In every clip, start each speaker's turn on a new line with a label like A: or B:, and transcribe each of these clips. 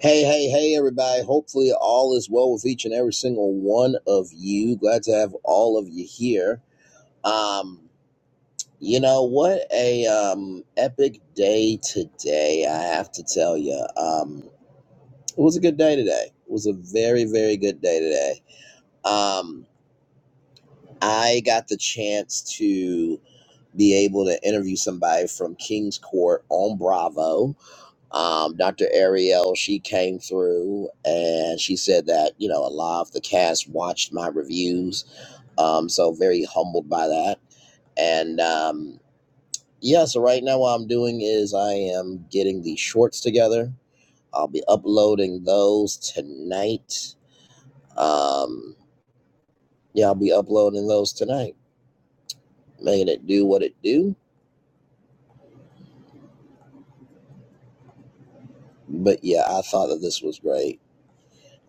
A: Hey, hey, hey, everybody. Hopefully, all is well with each and every single one of you. Glad to have all of you here. Um, you know, what a um, epic day today, I have to tell you. Um, it was a good day today. It was a very, very good day today. Um, I got the chance to be able to interview somebody from King's Court on Bravo. um, Dr. Ariel, she came through and she said that, you know, a lot of the cast watched my reviews. Um, so very humbled by that. And um, yeah, so right now what I'm doing is I am getting the shorts together. I'll be uploading those tonight. Um, yeah, I'll be uploading those tonight, making it do what it do. But yeah, I thought that this was great.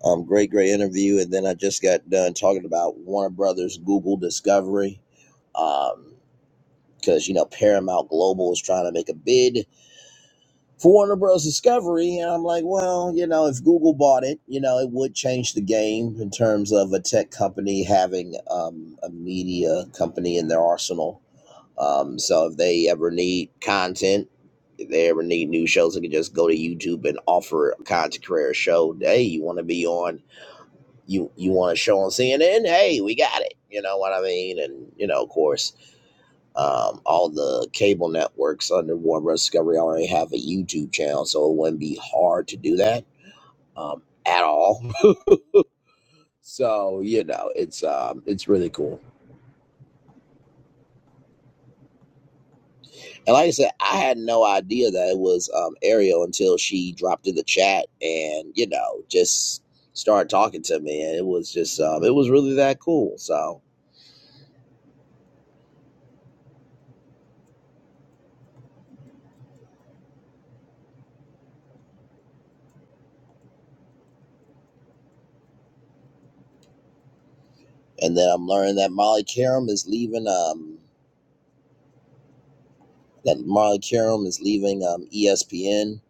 A: Um, great, great interview. And then I just got done talking about Warner Brothers Google Discovery um because you know paramount global is trying to make a bid for warner bros discovery and i'm like well you know if google bought it you know it would change the game in terms of a tech company having um, a media company in their arsenal um, so if they ever need content if they ever need new shows they can just go to youtube and offer a content creator a show hey you want to be on you you want a show on cnn hey we got it you know what i mean and you know of course um, all the cable networks under Warner Bros. Discovery already have a YouTube channel, so it wouldn't be hard to do that um, at all. so you know, it's um, it's really cool. And like I said, I had no idea that it was um, Ariel until she dropped in the chat and you know just started talking to me, and it was just um, it was really that cool. So, and then I'm learning that Molly Karam is leaving. Um, that Molly Karam is leaving um, ESPN.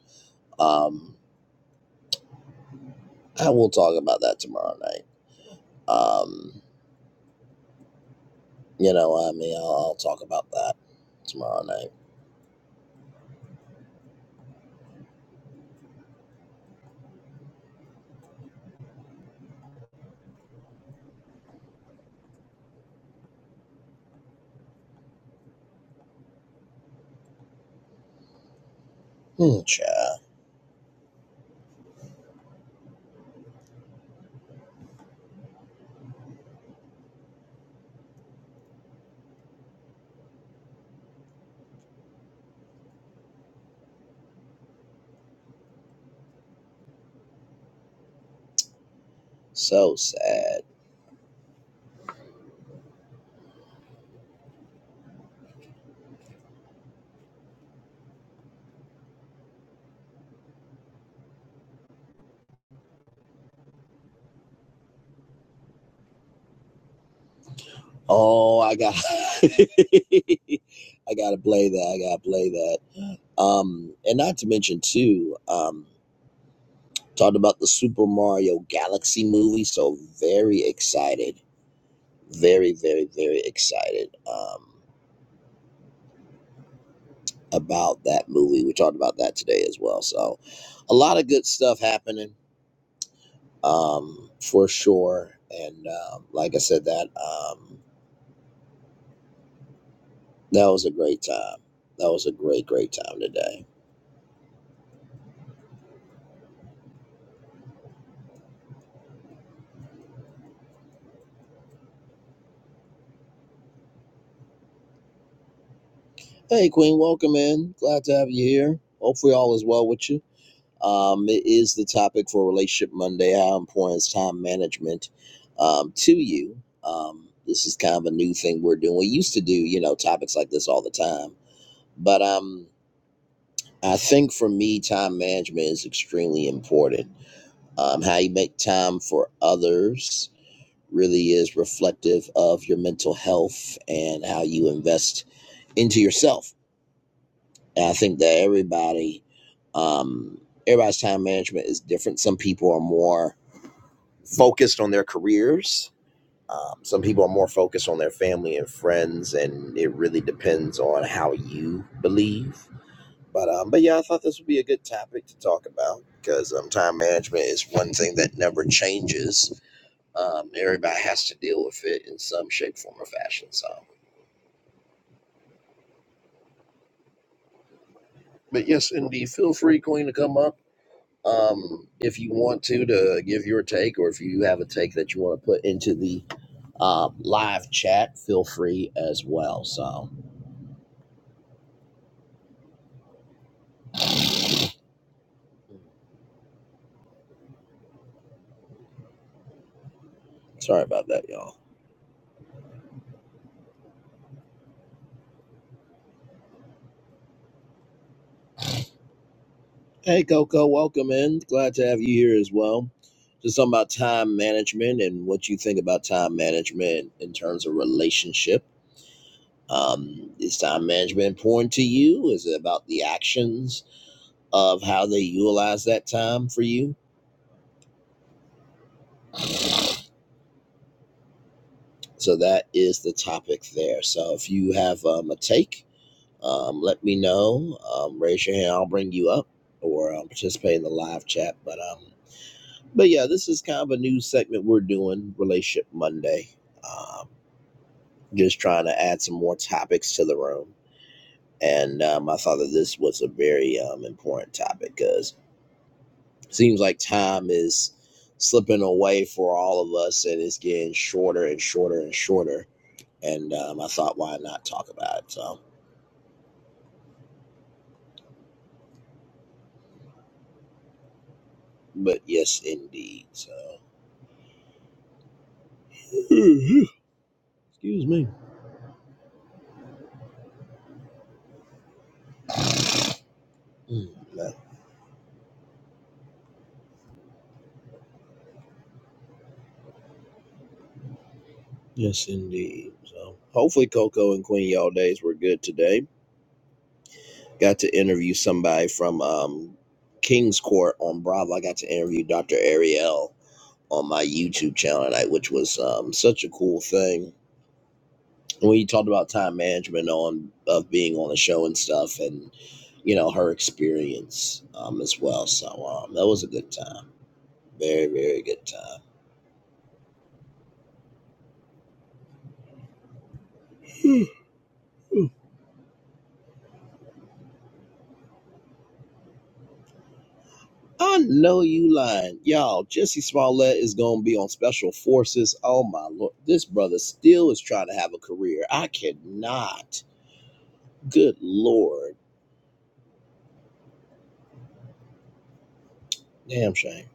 A: Um, I will talk about that tomorrow night. Um, you know, what I mean, I'll, I'll talk about that tomorrow night. Hmm, child. So sad. Oh, I got, I gotta play that. I gotta play that. Um, and not to mention too, um, talked about the Super Mario Galaxy movie. So very excited, very, very, very excited. Um, about that movie. We talked about that today as well. So, a lot of good stuff happening um, for sure. And um, like I said, that um, that was a great time. That was a great, great time today. Hey, Queen, welcome in. Glad to have you here. Hopefully, all is well with you. Um, it is the topic for Relationship Monday. How important is time management um, to you? Um, this is kind of a new thing we're doing. We used to do, you know, topics like this all the time, but um, I think for me, time management is extremely important um, how you make time for others really is reflective of your mental health and how you invest into yourself. And I think that everybody, um, everybody's time management is different. Some people are more focused on their careers. Um, some people are more focused on their family and friends, and it really depends on how you believe. But um, but yeah, I thought this would be a good topic to talk about because um, time management is one thing that never changes Um, everybody has to deal with it in some shape, form, or fashion. So, but yes, indeed, feel free, Queen, to come up um, if you want to to give your take, or if you have a take that you want to put into the uh, live chat, feel free as well. So, sorry about that, y'all. Hey, Coco, welcome in. Glad to have you here as well. Just something about time management and what you think about time management in terms of relationship Um, is time management important to you? Is it about the actions of how they utilize that time for you? So that is the topic there. So if you have um, a take, um, let me know. Um, raise your hand. I'll bring you up or um, participate in the live chat. But um, but yeah, this is kind of a new segment we're doing, Relationship Monday. Um, just trying to add some more topics to the room. And um, I thought that this was a very um, important topic because seems like time is slipping away for all of us and it's getting shorter and shorter and shorter and um, i thought why not talk about it so but yes indeed so excuse me Mm, no. yes indeed so hopefully coco and queen y'all days were good today got to interview somebody from um, king's court on bravo i got to interview dr ariel on my youtube channel tonight which was um, such a cool thing when you talked about time management on of being on the show and stuff and you know her experience um as well so um that was a good time very very good time i know you lying y'all jesse smollett is gonna be on special forces oh my lord this brother still is trying to have a career i cannot good lord damn shame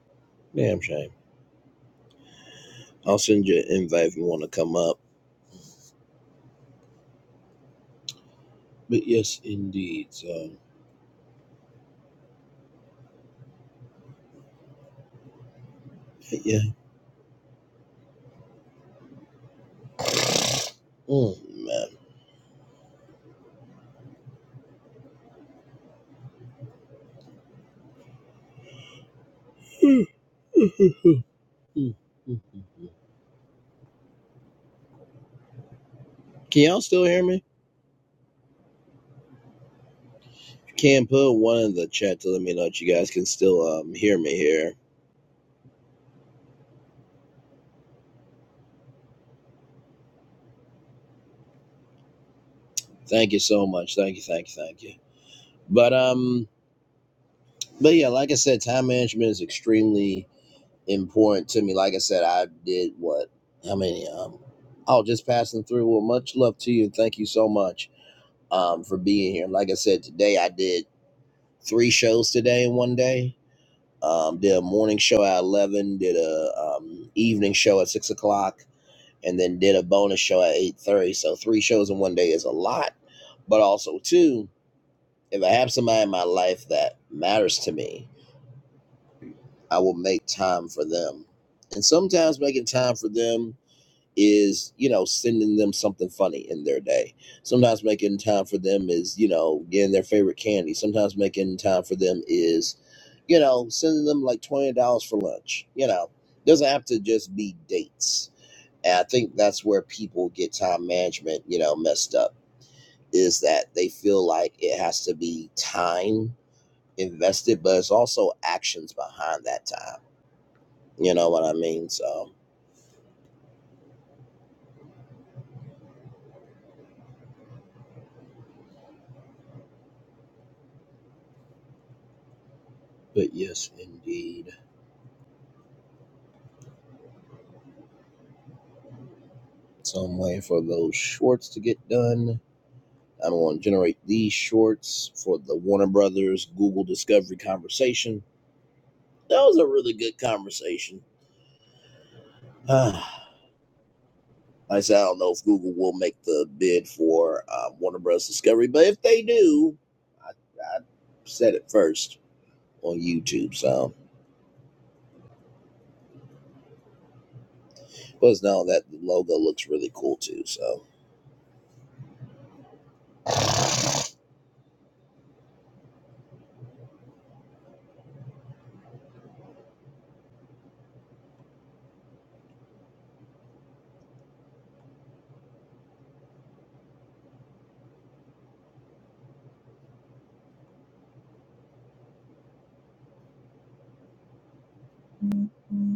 A: damn shame i'll send you an invite if you want to come up but yes indeed so yeah mm, man Mm, mm, mm, mm. Can y'all still hear me? If you can put one in the chat to let me know that you guys can still um, hear me here. Thank you so much. Thank you, thank you, thank you. But um, but yeah, like I said, time management is extremely important to me. Like I said, I did what? How many? Um, oh, just passing through. Well, much love to you, and thank you so much um for being here. Like I said, today I did three shows today in one day. Um, did a morning show at eleven. Did a um, evening show at six o'clock and then did a bonus show at 8.30 so three shows in one day is a lot but also too if i have somebody in my life that matters to me i will make time for them and sometimes making time for them is you know sending them something funny in their day sometimes making time for them is you know getting their favorite candy sometimes making time for them is you know sending them like $20 for lunch you know doesn't have to just be dates and I think that's where people get time management, you know, messed up is that they feel like it has to be time invested, but it's also actions behind that time. You know what I mean? So, but yes, indeed. So I'm waiting for those shorts to get done. I'm going to generate these shorts for the Warner Brothers Google Discovery conversation. That was a really good conversation. Like I said, I don't know if Google will make the bid for um, Warner Bros. Discovery, but if they do, I, I said it first on YouTube. So, plus now that logo looks really cool too. So, mm-hmm.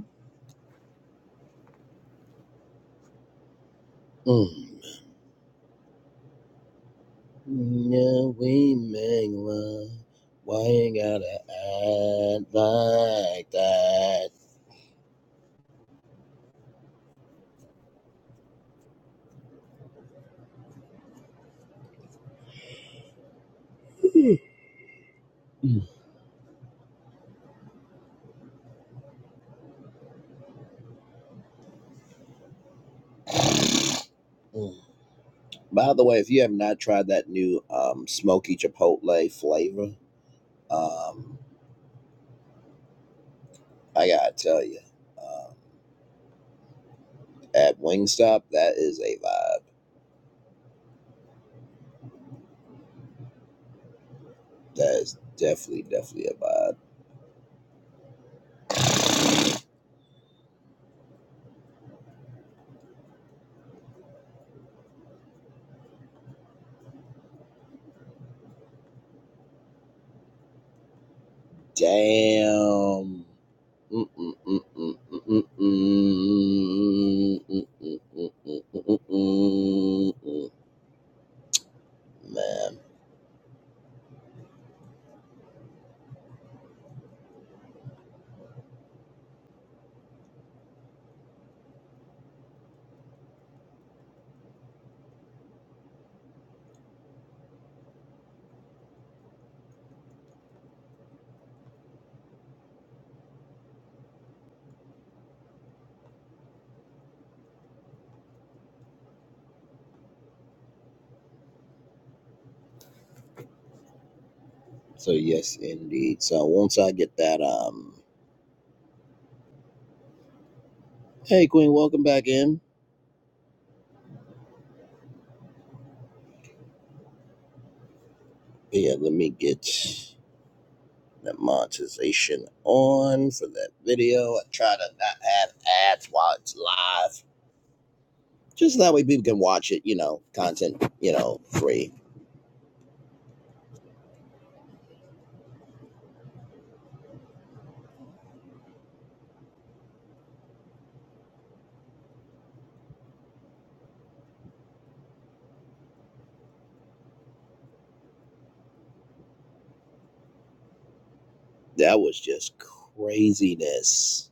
A: mm. yeah, we make love. Why you gotta act like that? Mm. By the way, if you have not tried that new um, smoky chipotle flavor, um, I gotta tell you. um, at Wingstop, that is a vibe. That is definitely, definitely a vibe. Damn. Man. So yes, indeed. So once I get that, um, hey Queen, welcome back in. But Yeah, let me get the monetization on for that video. I try to not have ads while it's live just that way people can watch it, you know, content, you know, free. That was just craziness.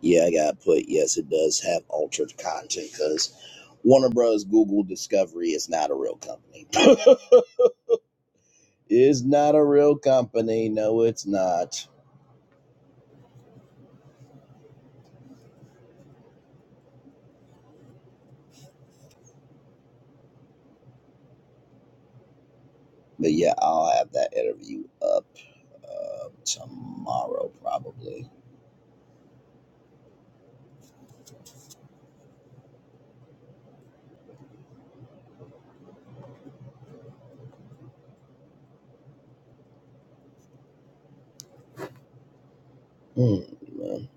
A: Yeah, I got put. Yes, it does have altered content because Warner Bros. Google Discovery is not a real company. is not a real company. No, it's not. But yeah, I'll have that interview up uh, tomorrow probably. Hmm, man.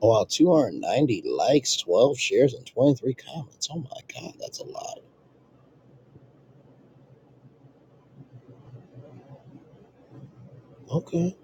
A: Oh, wow, 290 likes, 12 shares, and 23 comments. Oh my God, that's a lot. Okay.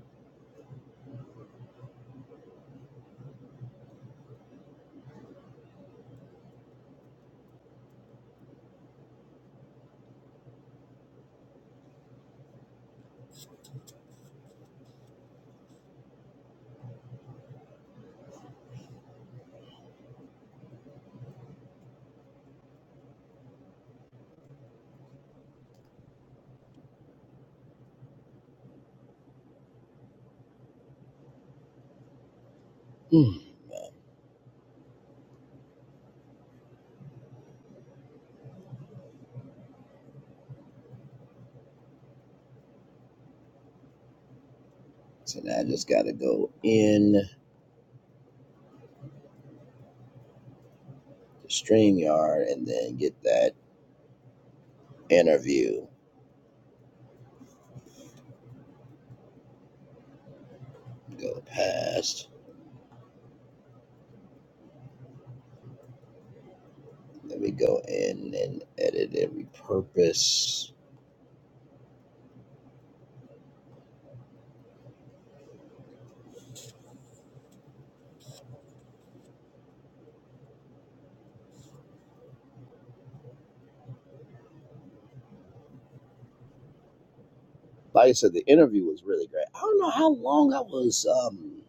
A: Hmm. So now I just got to go in the StreamYard and then get that interview. Go past. Let me go in and edit and repurpose. Like I said, the interview was really great. I don't know how long I was. Um,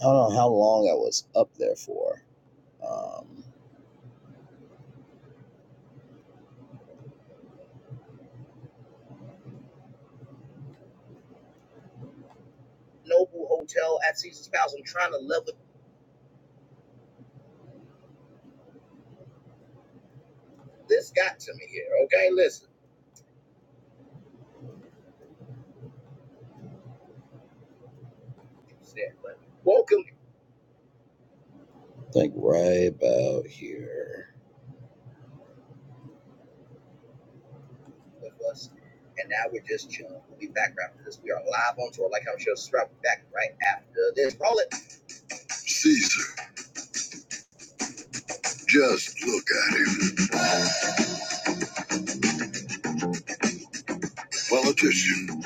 A: I don't know how long I was up there for. Um, Noble Hotel at Caesar's Palace. I'm trying to level. This got to me here. Okay, listen. but Welcome. Like right about here. with us. And now we're just chilling. We'll be back right after this. We are live on tour like I'm sure Strap back right after this. Roll it. Caesar, just look at him. Politician,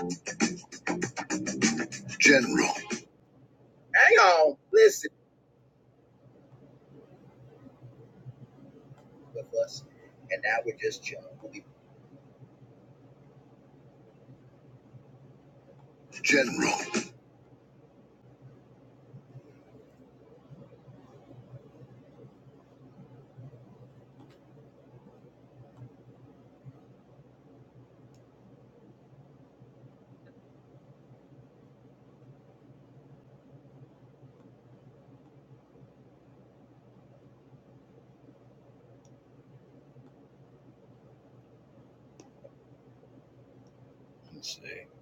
A: general. Hang on, listen with us. And now we're just chilling. We'll be general. Let's see.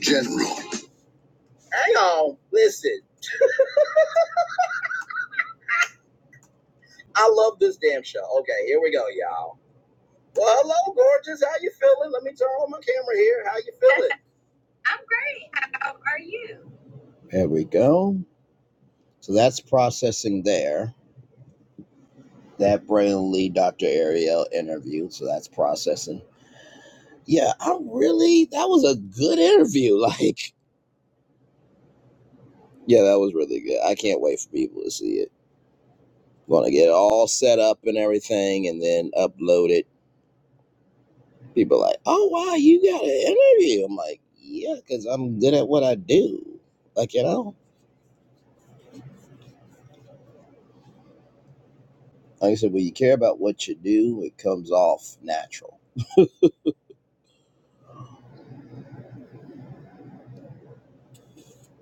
A: General. Hang on, listen. I love this damn show. Okay, here we go, y'all. Well, hello, gorgeous. How you feeling? Let me turn on my camera here. How you feeling? I'm great. How are you? There we go. So that's processing there. That Brain Lee Dr. Ariel interview. So that's processing. Yeah, I really, that was a good interview. Like, yeah, that was really good. I can't wait for people to see it. Want to get it all set up and everything and then upload it. People are like, oh, wow, you got an interview. I'm like, yeah, because I'm good at what I do. Like, you know, like I said, when you care about what you do, it comes off natural.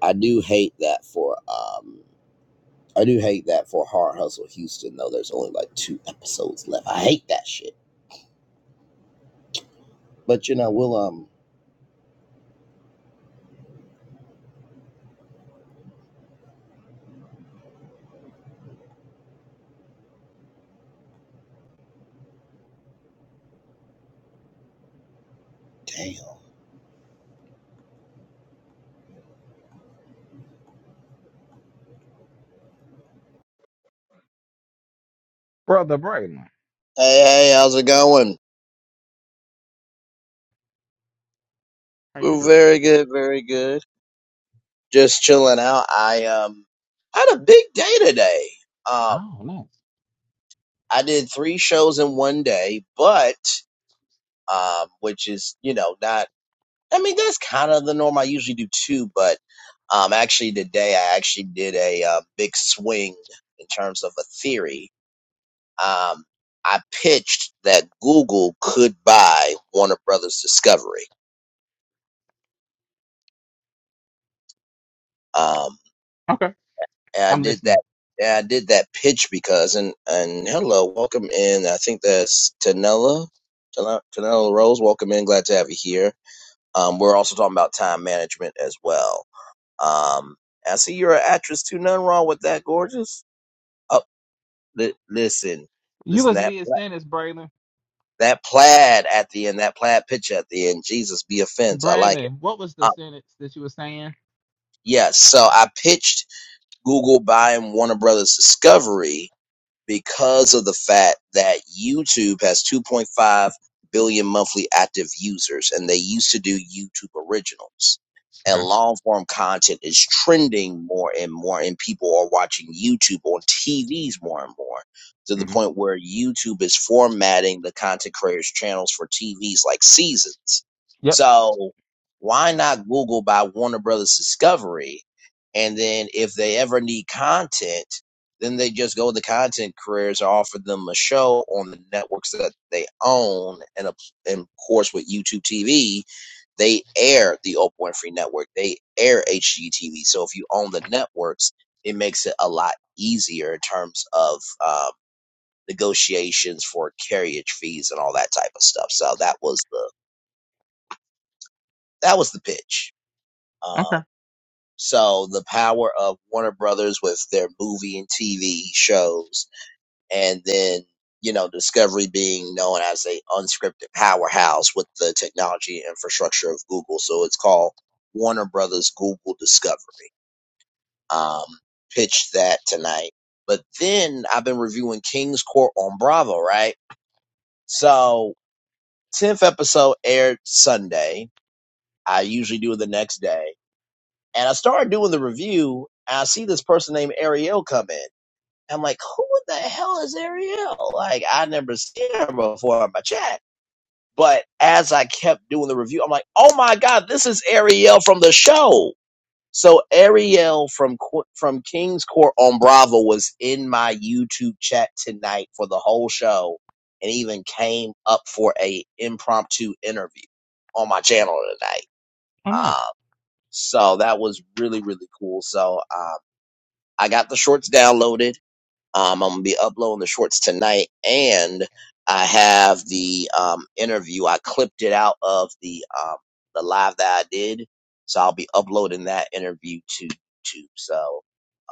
A: I do hate that for um, I do hate that for Hard Hustle Houston though. There's only like two episodes left. I hate that shit. But you know, we'll um, damn.
B: Brother Braylon,
A: Hey, hey, how's it going?
B: how you
A: We're
B: doing?
A: very good, very good. Just chilling out. I um had a big day today. Um,
B: Oh, nice.
A: I did three shows in one day, but um, which is you know not. I mean, that's kind of the norm. I usually do two, but um, actually today I actually did a uh, big swing in terms of a theory um, I pitched that Google could buy Warner Brothers Discovery. Um,
B: Okay,
A: and I
B: I'm
A: did
B: listening.
A: that. And I did that pitch because and and hello, welcome in. I think that's Tanella, Tanella Rose. Welcome in. Glad to have you here. Um, we're also talking about time management as well. Um, I see you're an actress too. Nothing wrong with that, gorgeous. Oh, li- listen,
B: You
A: listen
B: was
A: that
B: me and
A: pla-
B: sentence, Braylon.
A: that plaid at the end, that plaid picture at the end. Jesus be offense. I like it.
B: Braylon, what was the
A: Uh,
B: sentence that you were saying?
A: Yes, so I pitched Google buying Warner Brothers Discovery because of the fact that YouTube has 2.5 billion monthly active users and they used to do YouTube originals. And
B: Okay.
A: long form content is trending more and more, and people are watching YouTube on TVs more and more to the
B: hmm
A: point where YouTube is formatting the content creators' channels for TVs like seasons.
B: Yep.
A: So, why not Google by Warner Brothers Discovery? And then, if they ever need content, then they just go with the content creators and offer them a show on the networks that they own. And, of and of course, with YouTube TV, they air the Oprah Winfrey Network. They air HGTV. So if you own the networks, it makes it a lot easier in terms of um, negotiations for carriage fees and all that type of stuff. So that was the that was the pitch.
B: Okay.
A: Um, so the power of Warner Brothers with their movie and TV shows and then you know discovery being known as a unscripted powerhouse with the technology infrastructure of google so it's called warner brothers google discovery um pitched that tonight but then i've been reviewing king's court on bravo right so 10th episode aired sunday i usually do it the next day and i started doing the review and i see this person named ariel come in I'm like, who the hell is Ariel? Like, I never seen her before on my chat. But as I kept doing the review, I'm like, oh my god, this is Ariel from the show. So Ariel from Qu- from King's Court on Bravo was in my YouTube chat tonight for the whole show, and even came up for a impromptu interview on my channel tonight.
B: Oh, nice.
A: Um, so that was really really cool. So um, I got the shorts downloaded um, I'm gonna be uploading the shorts tonight, and I have the um, interview. I clipped it out of the um, the live that I did, so I'll be uploading that interview to YouTube. So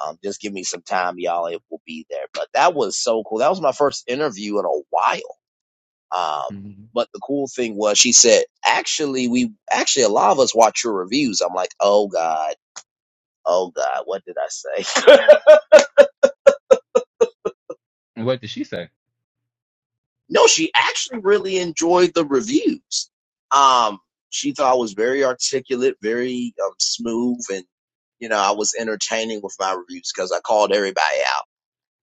A: um, just give me some time, y'all. It will be there. But that was so cool. That was my first interview in a while. Um,
B: hmm
A: but the cool thing was, she said, "Actually, we actually a lot of us watch your reviews." I'm like, "Oh God, oh God, what did I say?"
B: And what did she say?
A: No, she actually really enjoyed the reviews. Um, she thought I was very articulate, very um, smooth, and you know I was entertaining with my reviews because I called everybody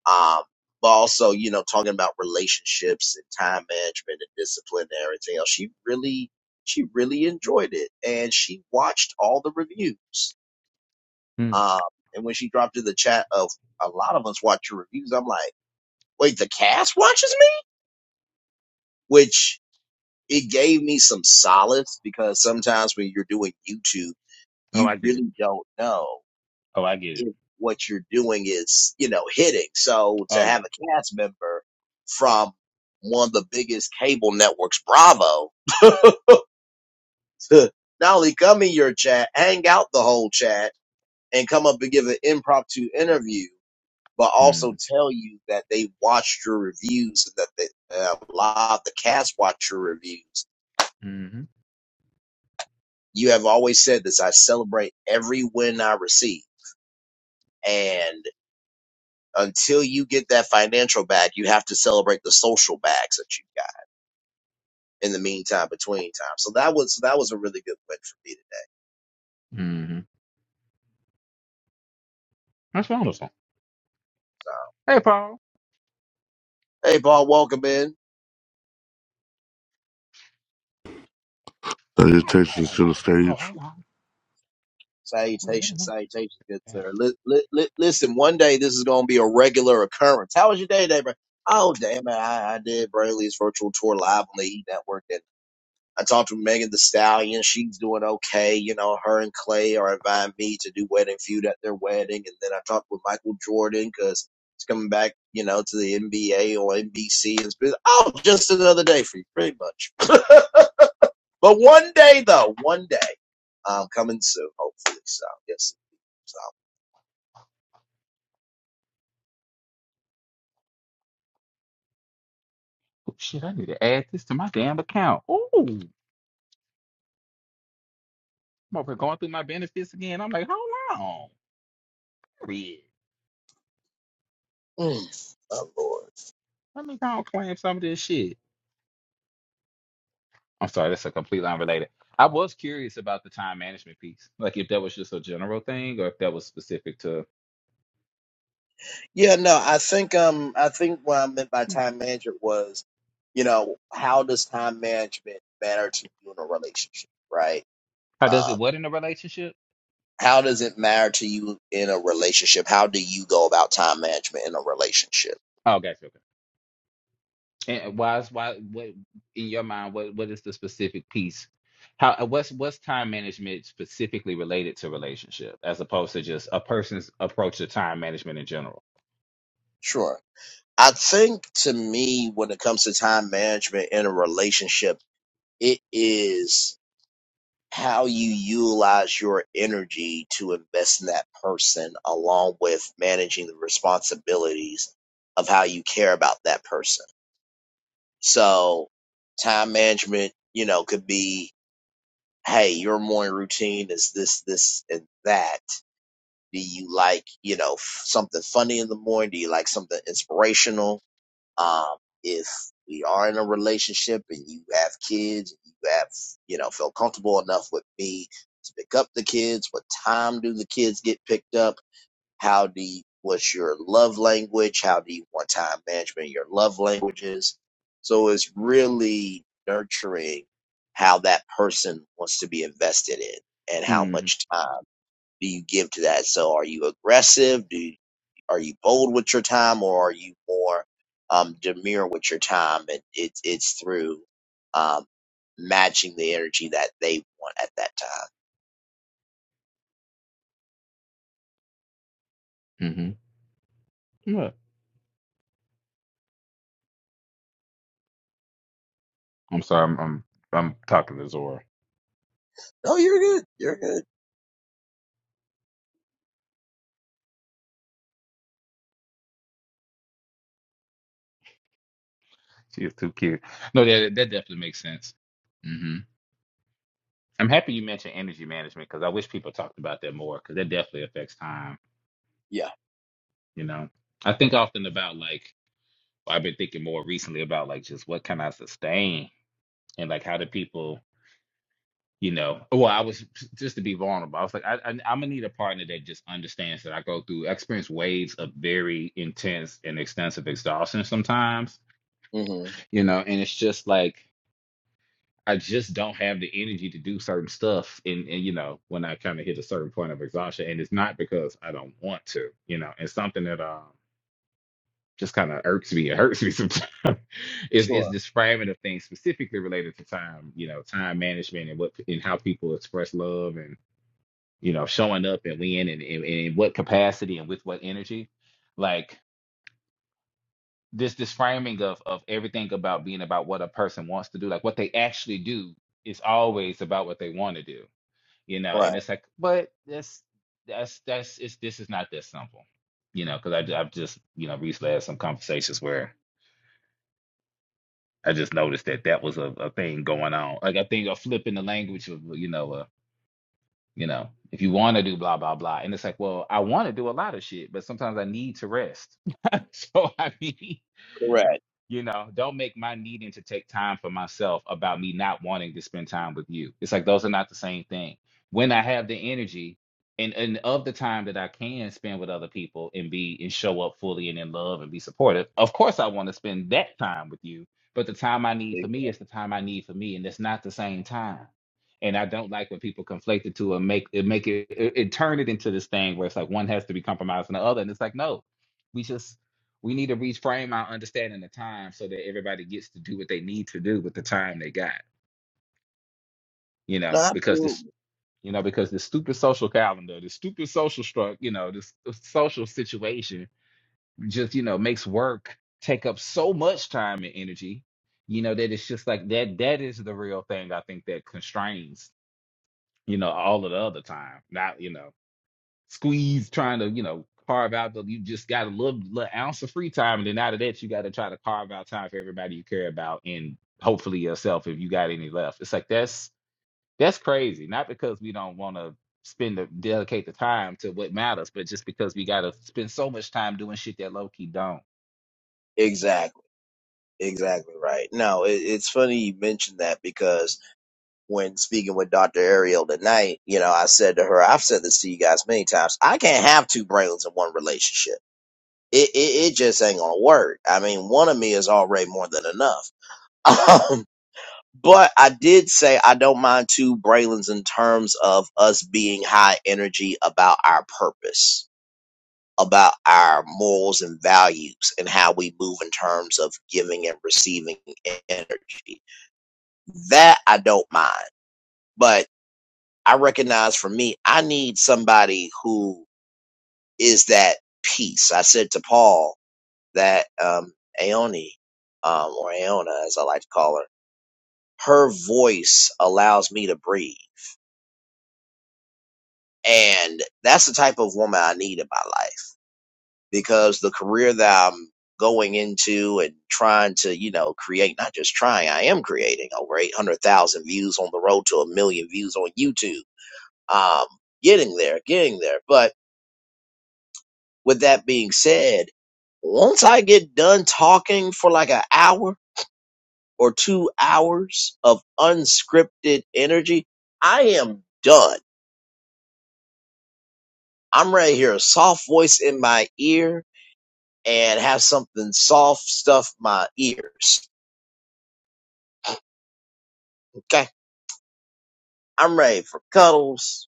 A: out. Um, but also, you know, talking about relationships and time management and discipline and everything else. She really, she really enjoyed it, and she watched all the reviews.
B: Mm.
A: Um, and when she dropped in the chat of a lot of us watch your reviews, I'm like, wait, the cast watches me, which it gave me some solace because sometimes when you're doing YouTube,
B: Oh,
A: you
B: I get it.
A: really don't know
B: Oh, I get it.
A: if what you're doing is, you know, hitting. So to
B: Oh, yeah.
A: have a cast member from one of the biggest cable networks, Bravo, to not only come in your chat, hang out the whole chat and come up and give an impromptu interview, but also
B: Mm-hmm.
A: tell you that they watched your reviews and that they, uh, a lot of the cast watched your reviews
B: Mm-hmm.
A: you have always said this. I celebrate every win I receive. And until you get that financial back, you have to celebrate the social bags that you got in the meantime, between time. So that was, that was a really good win for me today.
B: Mm-hmm. That's wonderful.
A: So,
B: Hey, Paul.
A: hey, Paul, welcome in.
C: I just
B: I'm over here
C: texted
B: trying to.
C: to the
B: Oh,
C: stage.
B: hold on. Oh, wait a
A: Salutations,
B: minute.
A: salutations, good
B: Yes.
A: sir. Li- li- li- listen, one day this is going to be a regular occurrence. How was your day today, bro? Oh, damn it. I, I did Brayley's virtual tour live on the E Network. I talked to Megan the Stallion. She's doing okay. You know, her and Clay are inviting me to do wedding feud at their wedding. And then I talked with Michael Jordan because he's coming back, you know, to the NBA or NBC. It's been, oh, just another day for you, pretty much. but one day, though, one day, um, coming soon, hopefully. So, yes. So,
B: Oh, shit, I need to add this to my damn account. Ooh. I'm over here going through my benefits again. I'm like, hold on. Period.
A: mm, oh, Lord.
B: Let me go and claim some of this shit. I'm sorry, that's a completely unrelated. I was curious about the time management piece. Like if that was just a general thing or if that was specific to
A: Yeah, no, I think um I think what I meant by
B: Hmm.
A: time management was, you know, how does time management matter to you in a relationship, right?
B: how does it
A: Um,
B: what in a relationship?
A: how does it matter to you in a relationship? How do you go about time management in a relationship?
B: Oh, gotcha. Okay. And why is why what in your mind, what what is the specific piece? How uh, what's what's time management specifically related to relationship as opposed to just a person's approach to time management in general?
A: Sure. I think to me, when it comes to time management in a relationship, it is. how you utilize your energy to invest in that person along with managing the responsibilities of how you care about that person. So time management, you know, could be, Hey, your morning routine is this, this, and that. Do you like, you know, f- something funny in the morning? Do you like something inspirational? Um, if we are in a relationship and you have kids, you have, you know, feel comfortable enough with me to pick up the kids. What time do the kids get picked up? How do you, what's your love language? How do you want time management? Your love languages. So it's really nurturing how that person wants to be invested in and how
B: Mm-hmm.
A: much time do you give to that? So are you aggressive? Do you, are you bold with your time, or are you more um, demure with your time? And it's it's through um, matching the energy that they want at that time.
B: Mm-hmm. I'm sorry, I'm I'm, I'm talking to Zora.
A: No, you're good. You're good.
B: She is too cute. No, that that definitely makes sense. hmm I'm happy you mentioned energy management because I wish people talked about that more because that definitely affects time.
A: Yeah.
B: You know, I think often about like well, I've been thinking more recently about like just what can I sustain and like how do people, you know? Well, I was just to be vulnerable. I was like, I, I, I'm gonna need a partner that just understands that I go through, I experience waves of very intense and extensive exhaustion sometimes.
A: hmm
B: You know, and it's just like I just don't have the energy to do certain stuff and, and you know, when I kind of hit a certain point of exhaustion. And it's not because I don't want to, you know, it's something that um just kind of irks me. It hurts me sometimes. is is
A: Sure.
B: this framing of things specifically related to time, you know, time management and what and how people express love and, you know, showing up and when and, and, and in what capacity and with what energy. Like this this framing of of everything about being about what a person wants to do, like what they actually do is always about what they want to do you know and
A: Right.
B: it's like but that's that's that's it's this is not that simple you know because I i've just you know recently had some conversations where i just noticed that that was a, a thing going on like i think a flip in the language of you know uh, you know, if you want to do blah blah blah, and it's like, well, I want to do a lot of shit, but sometimes I need to rest. so I mean,
A: Correct.
B: you know, don't make my needing to take time for myself about me not wanting to spend time with you. It's like those are not the same thing. When I have the energy and and of the time that I can spend with other people and be and show up fully and in love and be supportive, of course I want to spend that time with you. But the time I need for
A: Ex-
B: me is the time I need for me, and it's not the same time and I don't like when people conflate the two and make it make it, it it turn it into this thing where it's like one has to be compromised on the other, and it's like no, we just we need to reframe our understanding of time so that everybody gets to do what they need to do with the time they got, you
A: No,
B: know, because this
A: absolutely.
B: you know because this stupid social calendar, this stupid social struct, you know, this social situation just you know makes work take up so much time and energy, you know that it's just like that that is the real thing I think that constrains you know, all of the other time. Not, you know, squeeze trying to, you know, carve out the you just got a little, little ounce of free time. And then out of that, you got to try to carve out time for everybody you care about and hopefully yourself if you got any left. It's like that's that's crazy. Not because we don't want to spend the dedicate the time to what matters, but just because we gotta spend so much time doing shit that low key don't.
A: Exactly. Exactly right. No, it, it's funny you mentioned that because when speaking with Dr. Ariel tonight, you know, I said to her, I've said this to you guys many times, I can't have two brains in one relationship. It, it, it just ain't gonna work. I mean, one of me is already more than enough. Um, but I did say I don't mind two Braylons in terms of us being high energy about our purpose, about our morals and values, and how we move in terms of giving and receiving energy. That I don't mind. But I recognize for me, I need somebody who is that peace. I said to Paul that um, Aoni, um, or Aona, as I like to call her, her voice allows me to breathe. And that's the type of woman I need in my life because the career that I'm going into and trying to, you know, create, not just trying, I am creating over 800,000 views on the road to a million views on YouTube. Um, getting there, getting there. But With that being said, once I get done talking for like an hour or two hours of unscripted energy, I am done. I'm ready to hear a soft voice in my ear and have something soft stuff my ears. Okay. I'm ready for cuddles.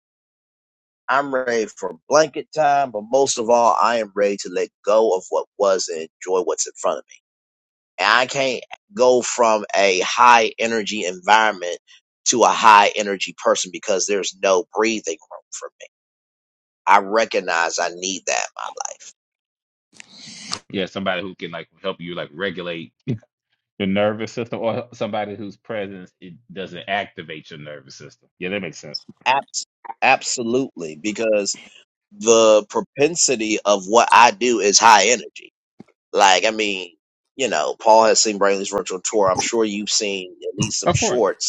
A: I'm ready for blanket time, but most of all, I am ready to let go of what was and enjoy what's in front of me. And I can't go from a high energy environment to a high energy person because there's no breathing room for me. I recognize I need that in my life.
B: Yeah, somebody who can like help you like regulate your nervous system or somebody whose presence it doesn't activate your nervous system. Yeah, that makes sense.
A: Abs- absolutely, because the propensity of what I do is high energy. Like, I mean, you know, Paul has seen Brainley's virtual tour. I'm sure you've seen at least some
B: Of course.
A: shorts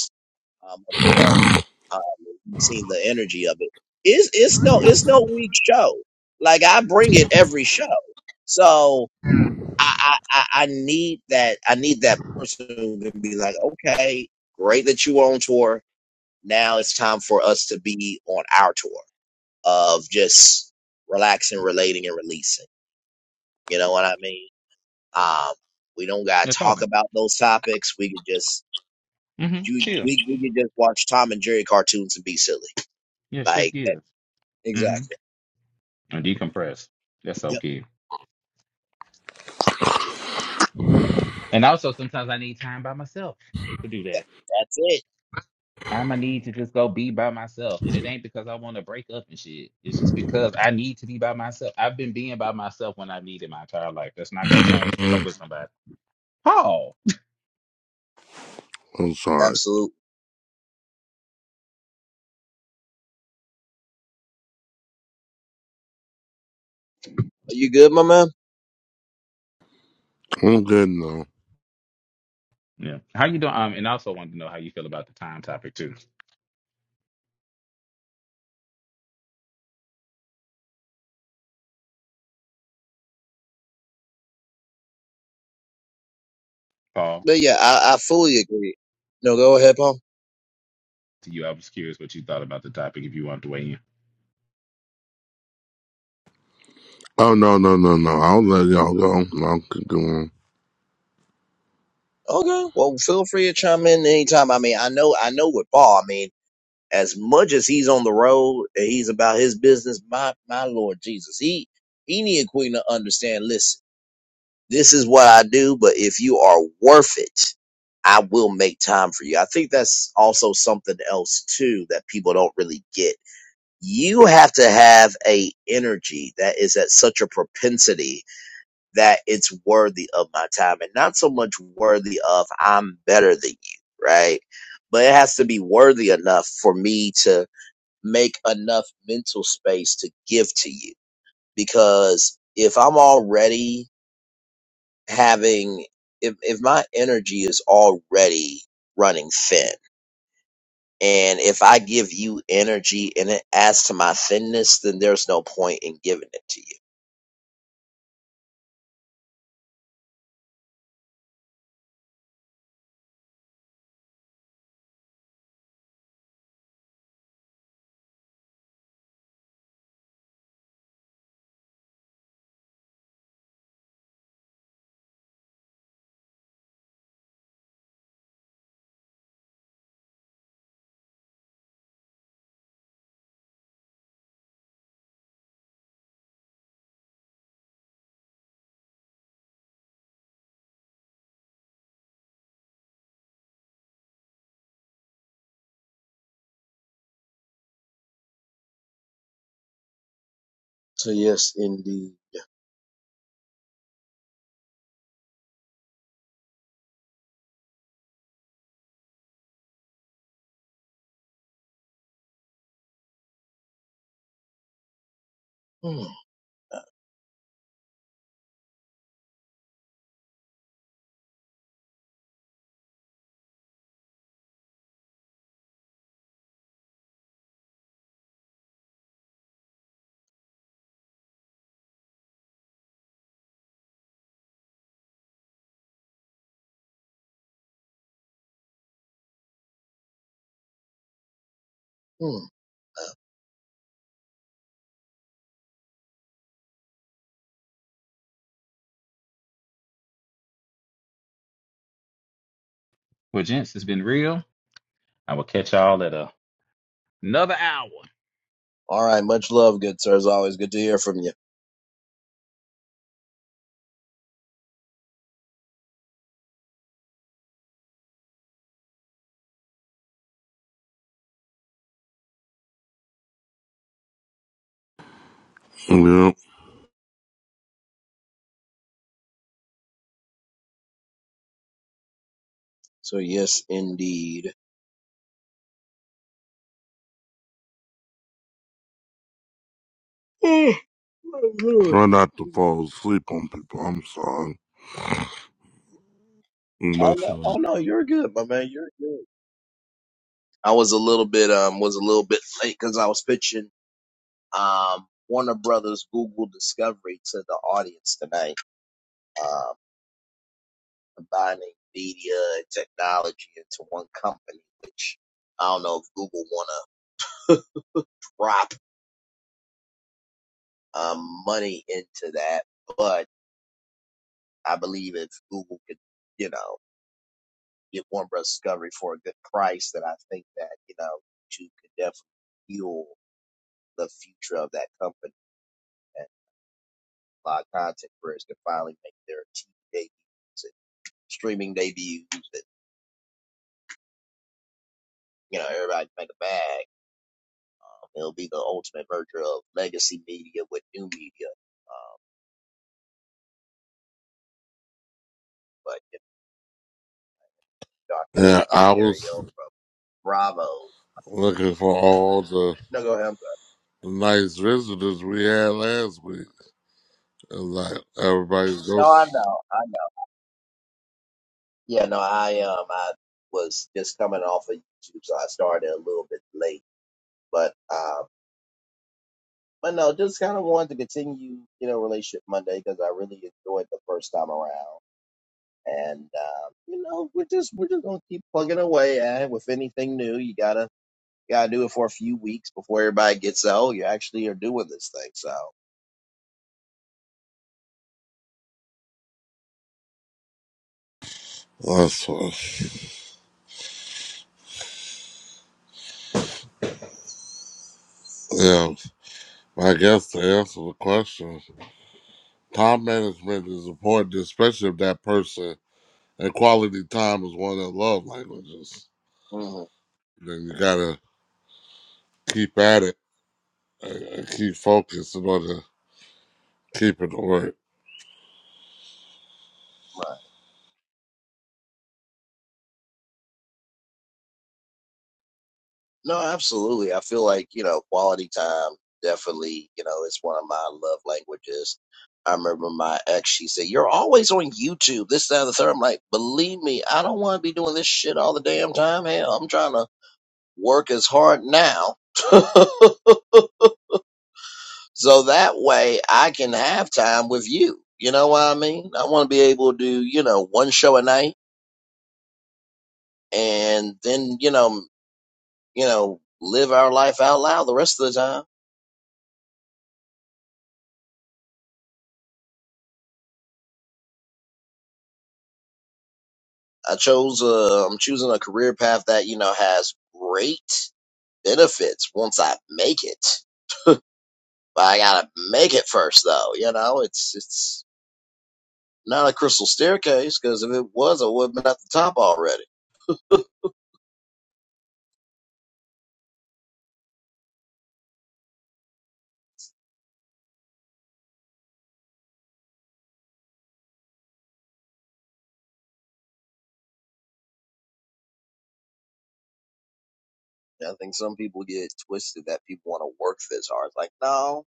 A: um, of the show. Um, you've seen the energy of it. It's it's no it's no weak show. Like I bring it every show, so I I, I I need that I need that person who can be like, okay, great that you are on tour. Now it's time for us to be on our tour of just relaxing, relating, and releasing. You know what I mean? Um, we don't gotta
B: No
A: talk
B: problem.
A: about those topics. We could just
B: Mm-hmm.
A: you
B: Chill.
A: we we could just watch Tom and Jerry cartoons and be silly
B: Yeah, shift
A: Like that,
B: gears. Mm-hmm.
A: exactly.
B: And decompress. That's
A: Yep.
B: okay. And also sometimes I need time by myself to do
A: That,
B: that.
A: that's it.
B: I'm gonna need to just go be by myself. And it ain't because I want to break up and shit. It's just because I need to be by myself. I've been being by myself when I needed my entire life. That's not gonna change because I'm with somebody. Paul.
C: I'm sorry.
A: Absolutely. Are you good, my man?
C: I'm good now.
B: Yeah. How you doing? Um, and I also wanted to know how you feel about the time topic too. Paul,
A: But yeah, I, I fully agree. No, go ahead, Paul.
B: to you, I was curious what you thought about the topic if you wanted to weigh in.
C: Oh, no, no, no, no. I'll let y'all go. I'll keep going.
A: Okay. Well, feel free to chime in anytime. I mean, I know, I know with Paul. I mean, as much as he's on the road and he's about his business, my my Lord Jesus, he he need a queen to understand. Listen, this is what I do, but if you are worth it, I will make time for you. I think that's also something else too that people don't really get you have to have a energy that is at such a propensity that it's worthy of my time and not so much worthy of I'm better than you, right? But it has to be worthy enough for me to make enough mental space to give to you because if I'm already having if if my energy is already running thin And if I give you energy and it adds to my thinness, then there's no point in giving it to you. So yes, indeed. Hmm, hmm.
B: Well, gents, it's been real. I will catch y'all at a another hour.
A: All right, much love, good sir. As always, good to hear from you.
C: Yep.
A: So yes, indeed. Hmm, my Lord.
C: Try not to fall asleep on people. I'm sorry.
A: Oh no,
C: Listen.
A: oh no, you're good, my man. You're good. I was a little bit um was a little bit late because I was pitching um Warner Brothers Google Discovery to the audience tonight. Um. combining media and technology into one company, which I don't know if Google want to drop um, money into that, but I believe if Google could, you know, get Warner Bros. Discovery for a good price, then I think that, you know, YouTube could definitely fuel the future of that company and a lot of content creators can finally make their TV debuts and streaming debuts and, you know, everybody can make a bag Um, it'll be the ultimate merger of legacy media with new media. Um, but if Dr.
C: Yeah,
A: Um,
C: I was
A: Ariel from Bravo,
C: looking for all the
A: no, go ahead. I'm sorry.
C: nice visitors we had last week. And like, everybody's go.
A: No, I know, I know. Yeah, no, I um, I was just coming off of YouTube, so I started a little bit late. But um, but no, just kind of wanted to continue, you know, relationship Monday because I really enjoyed the first time around. And um, you know, we're just we're just gonna keep plugging away at it with anything new. You gotta You gotta do it for a few weeks before everybody gets out. You actually are doing this thing. So,
C: That's what, yeah. I guess to answer the question, time management is important, especially if that person And quality time is one of the love languages.
A: mhm,
C: Then you gotta keep at it and and keep focused in order to keep it to work.
A: right. No, absolutely. I feel like, you know, quality time definitely, you know, it's one of my love languages. I remember my ex, she said, You're always on YouTube, this, that, and the third. I'm like, Believe me, I don't want to be doing this shit all the damn time. Hell, I'm trying to work as hard now. so that way I can have time with you. You know what I mean? I want to be able to do, you know, one show a night and then you know you know live our life out loud the rest of the time i chose uh, i'm choosing a career path that you know has great benefits once i make it but i gotta make it first though you know it's it's not a crystal staircase because if it was i would have been at the top already i think some people get it twisted that people want to work this hard It's like no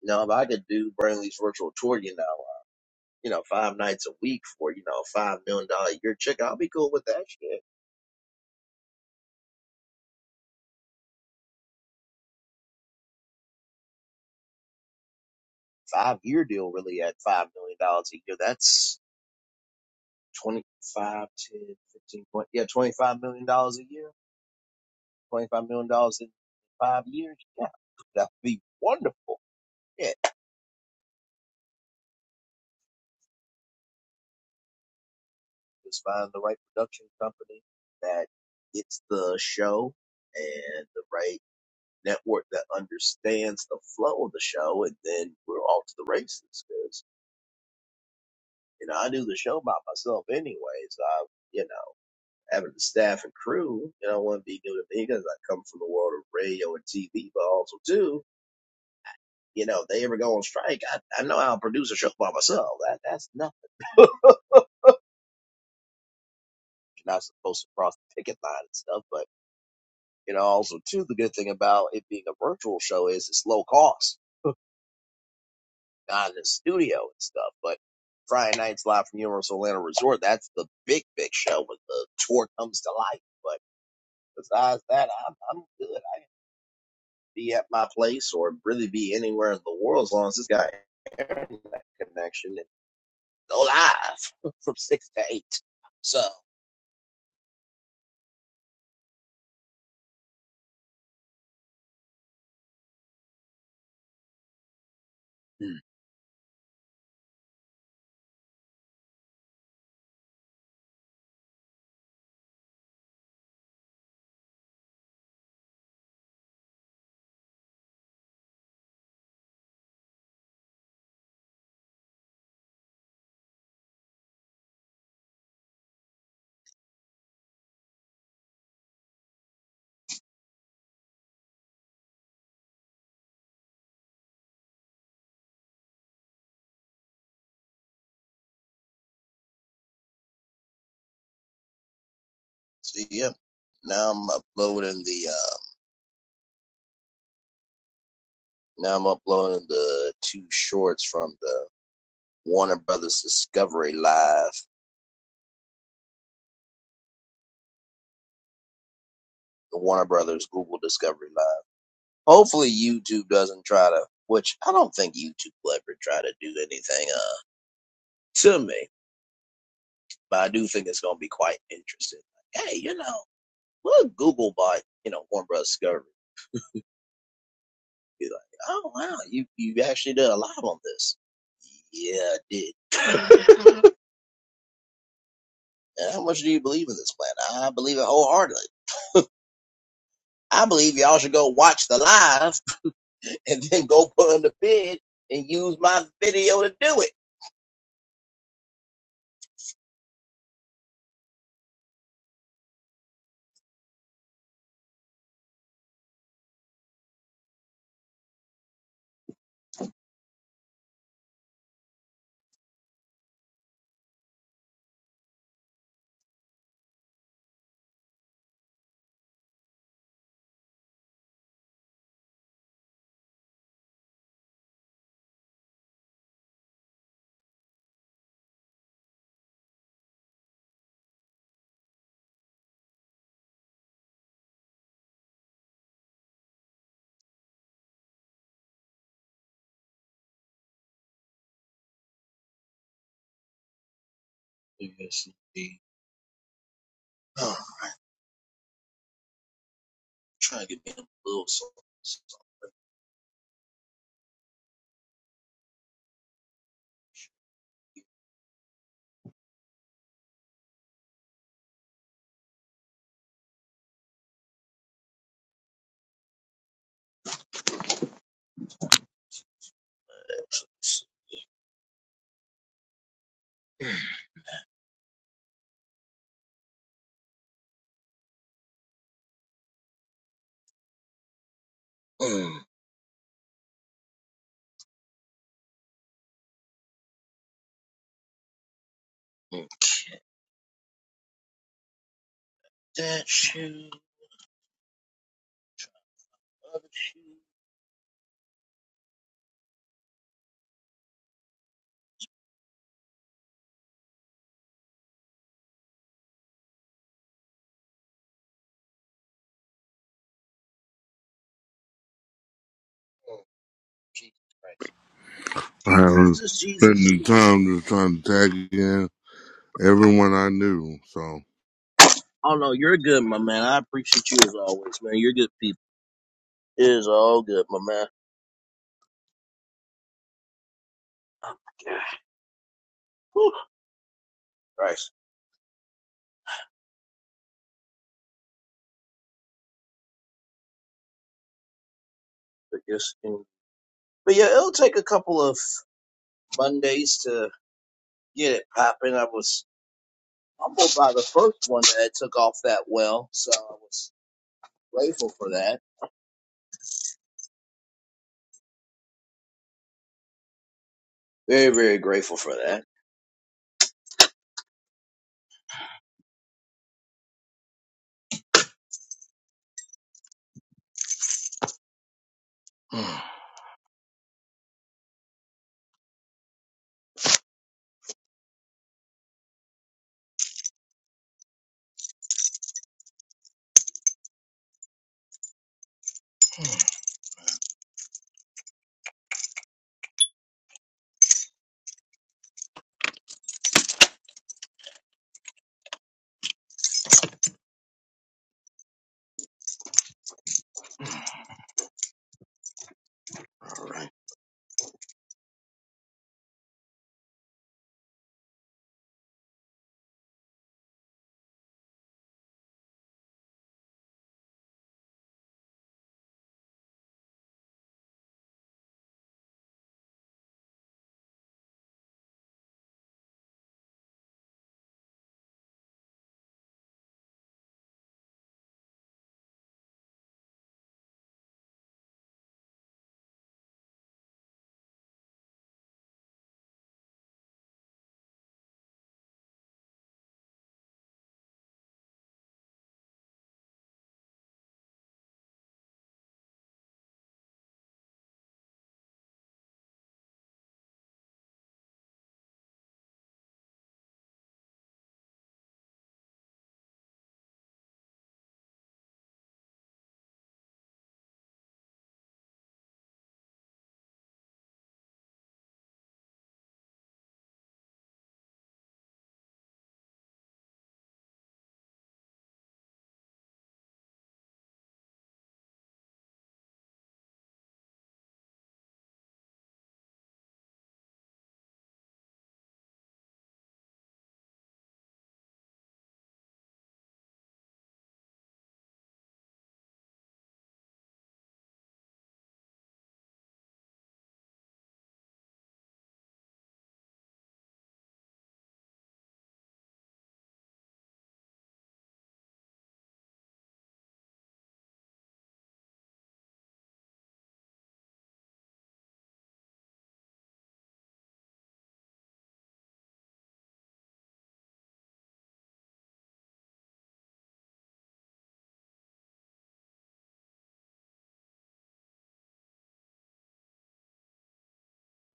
A: you know if i could do brainley's virtual tour you know uh, you know five nights a week for you know a five million dollar a year check i'll be cool with that shit five year deal really at five million dollars a year. That's 25, 10, fifteen, twenty, yeah, 25 million dollars a year, 25 million dollars in five years. Yeah, that'd be wonderful. Yeah, just find the right production company that gets the show and the right network that understands the flow of the show, and then we're off to the races. Because you know, I do the show by myself anyways. I, you know. having the staff and crew, you know, wouldn't be new to me because I come from the world of radio and TV, but also too, you know, if they ever go on strike, I, I know how to produce a show by myself. That that's nothing. You're not supposed to cross the ticket line and stuff, but you know, also too, the good thing about it being a virtual show is it's low cost, not in the studio and stuff. But Friday nights live from Universal Orlando Resort, that's the big, big show when the tour comes to life. But besides that, I'm, I'm good. be at my place or really be anywhere in the world as long as this guy has an internet connection and go live from six to eight. So, hmm. so yeah, now I'm uploading the uh, now I'm uploading the two shorts from the Warner Brothers Discovery Live, the Warner Brothers Google Discovery Live. Hopefully, YouTube doesn't try to, which I don't think YouTube will ever try to do anything uh to me, but I do think it's gonna be quite interesting. Like, Hey, you know. We'll Google by, you know, Warner Bros. Discovery. Be like, oh wow, you you actually did a lot on this. Yeah, I did. How much do you believe in this plan? I believe it wholeheartedly. I believe y'all should go watch the live and then go put on the bid and use my video to do it. Yes, indeed. Oh, I'm trying to get me a little something. Mm, mm. That shoe, other shoe. Oh, Jesus Christ.
C: I was
A: Jesus, Jesus,
C: spending
A: Jesus.
C: time just trying to tag in everyone I knew. So,
A: Oh no, you're good, my man. I appreciate you as always, man. You're good people. It is all good, my man. Whew, Christ. But yes, mm. but yeah, it'll take a couple of Mondays to get it popping. I was humbled by the first one that took off that well, so I was grateful for that. Very, very grateful for that.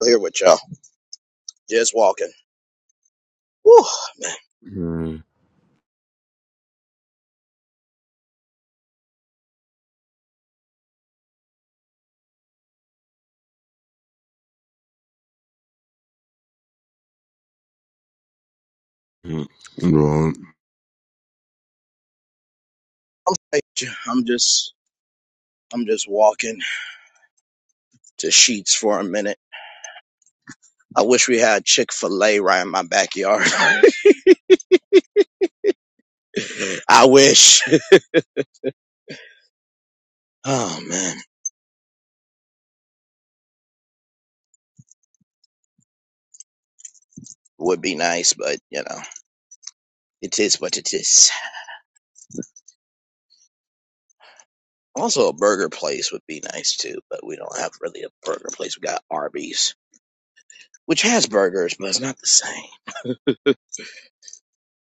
A: Here with y'all, just walking. Whew,
C: mm, mm, well,
A: I'm, I'm just, I'm just walking to sheets for a minute I wish we had Chick fil A right in my backyard. I wish. Oh man. Would be nice, but you know, it is what it is. Also a burger place would be nice too, but we don't have really a burger place. We got Arby's, which has burgers, but it's not the same.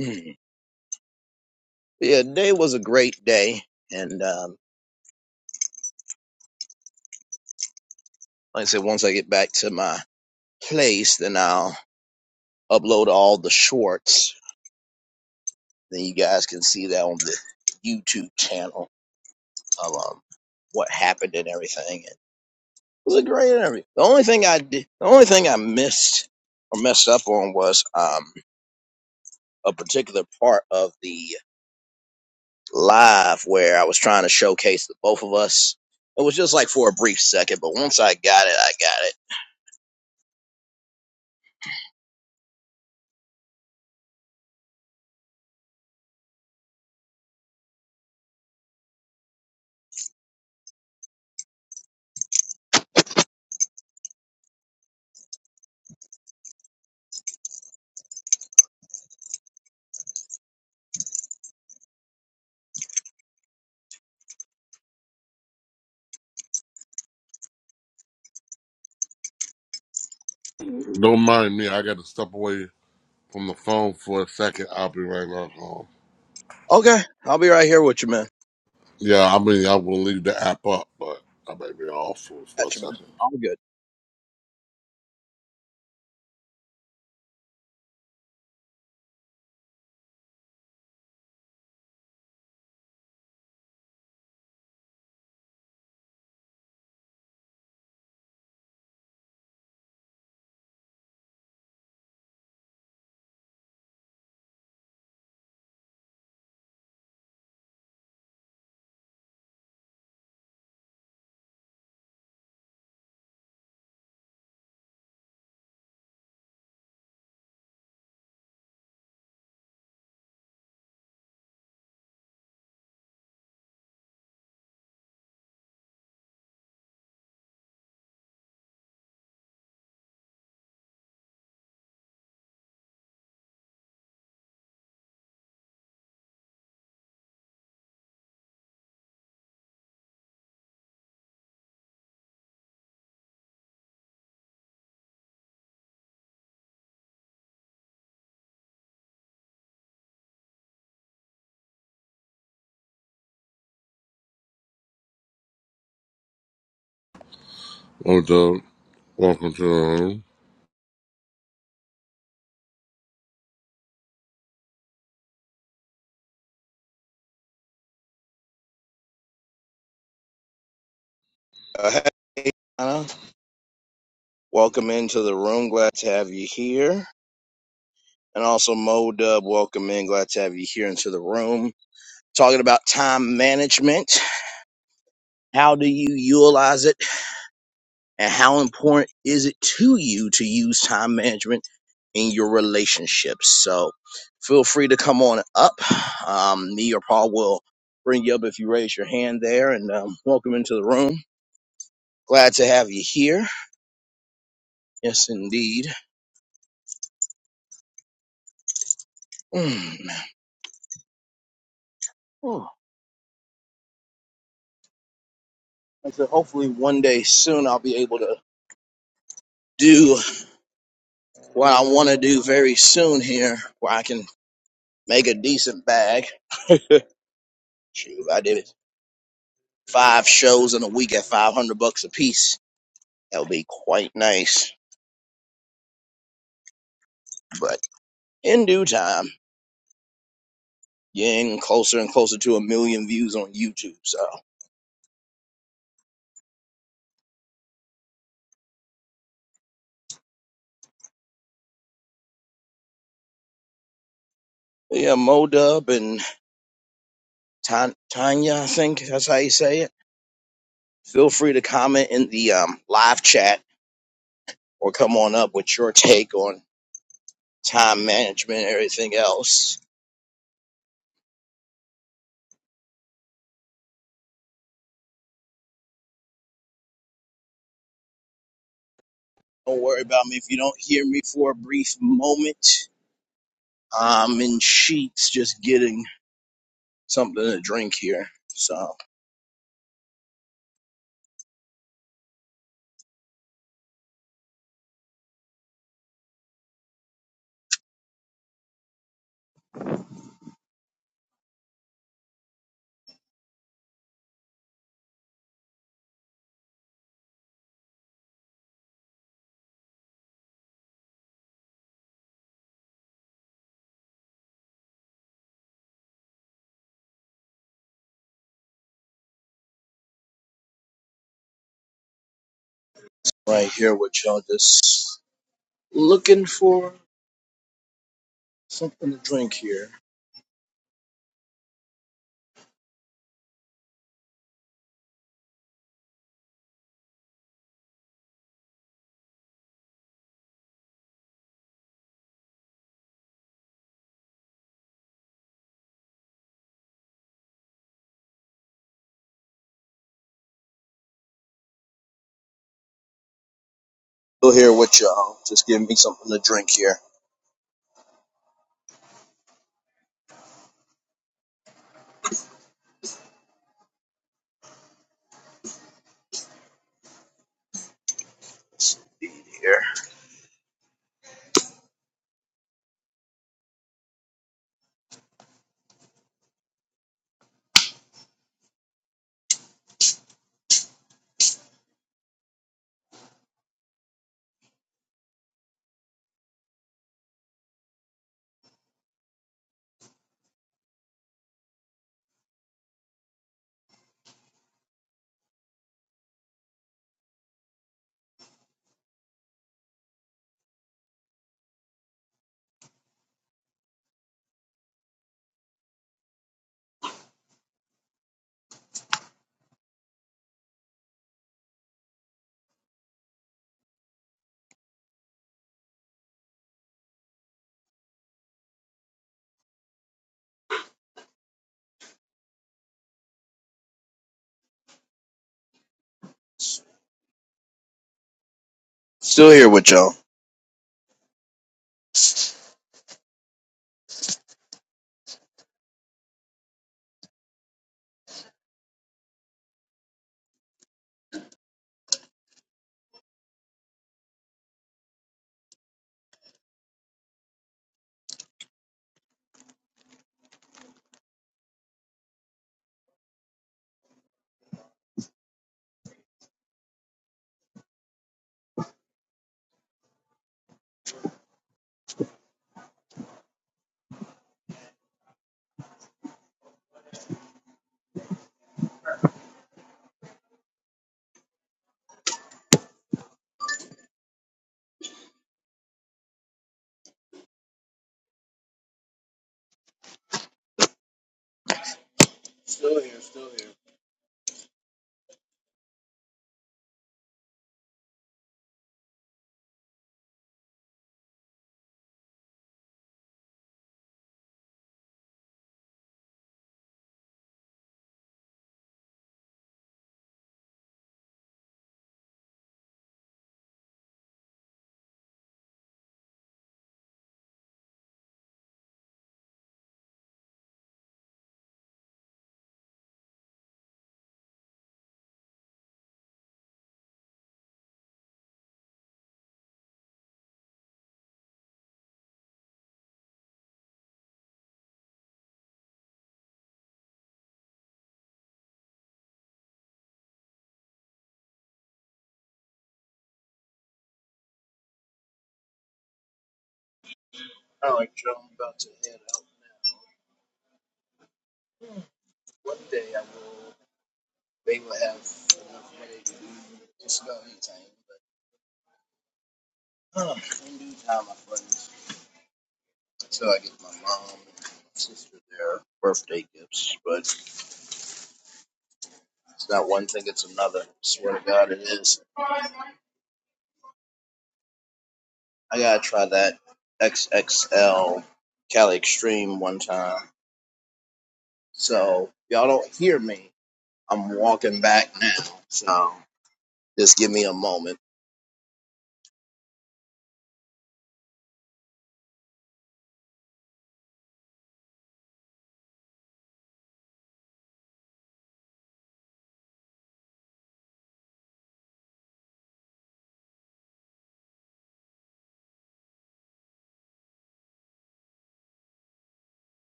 A: Mm. Yeah, today was a great day. And um like I said, once I get back to my place, then I'll upload all the shorts. Then you guys can see that on the YouTube channel of um, what happened and everything and was a great interview. The only thing I did, the only thing I missed or messed up on was um a particular part of the live where I was trying to showcase the both of us. It was just like for a brief second, but once I got it, I got it.
C: don't mind me. I gotta step away from the phone for a second. I'll be right back home.
A: Okay, I'll be right here with you, man.
C: Yeah, I mean, I will leave the app up, but I may be off for, for a
A: Got you, man.
C: second.
A: All good.
C: Oh, Doug, welcome to the room.
A: Uh, hey, Anna, welcome into the room. Glad to have you here. And also, Mo Dub, welcome in. Glad to have you here into the room. Talking about time management. How do you utilize it? and how important is it to you to use time management in your relationships? So feel free to come on up. Um, me or Paul will bring you up if you raise your hand there and um, welcome into the room. Glad to have you here. Yes, indeed. Mm. Whew. And so hopefully one day soon I'll be able to do what I want to do very soon here where I can make a decent bag. Shoot, I did Five shows in a week at 500 bucks a piece That would be quite nice. But in due time, getting closer and closer to a million views on YouTube. So yeah, Modub and Tan- Tanya, I think that's how you say it. Feel free to comment in the um, live chat or come on up with your take on time management and everything else. Don't worry about me if you don't hear me for a brief moment. I'm in sheets just getting something to drink here. So right here what y'all just looking for something to drink here. Still here with y'all. Just give me something to drink here. Be Here. Still here with y'all. Still here, still here. All right, Joe, I'm about to head out. One day I will, they will have enough money to do just about anything. But uh, in due time, my friends, until I get my mom and my sister their birthday gifts. But it's not one thing, it's another. swear to God, it is. I gotta try that XXL Cali Extreme one time. So y'all don't hear me. I'm walking back now. So just give me a moment.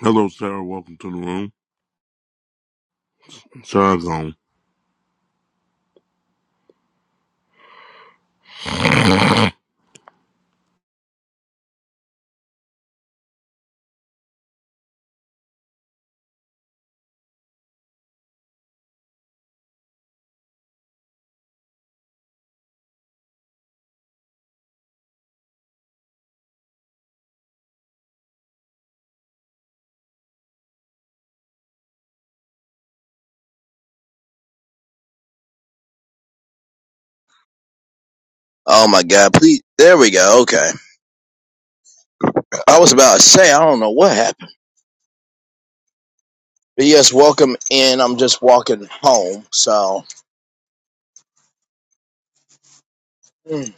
C: Hello, Sarah. Welcome to the room. Sarah's home.
A: Oh my God, please. There we go. Okay. I was about to say, I don't know what happened. But yes, welcome in. I'm just walking home. So, mm,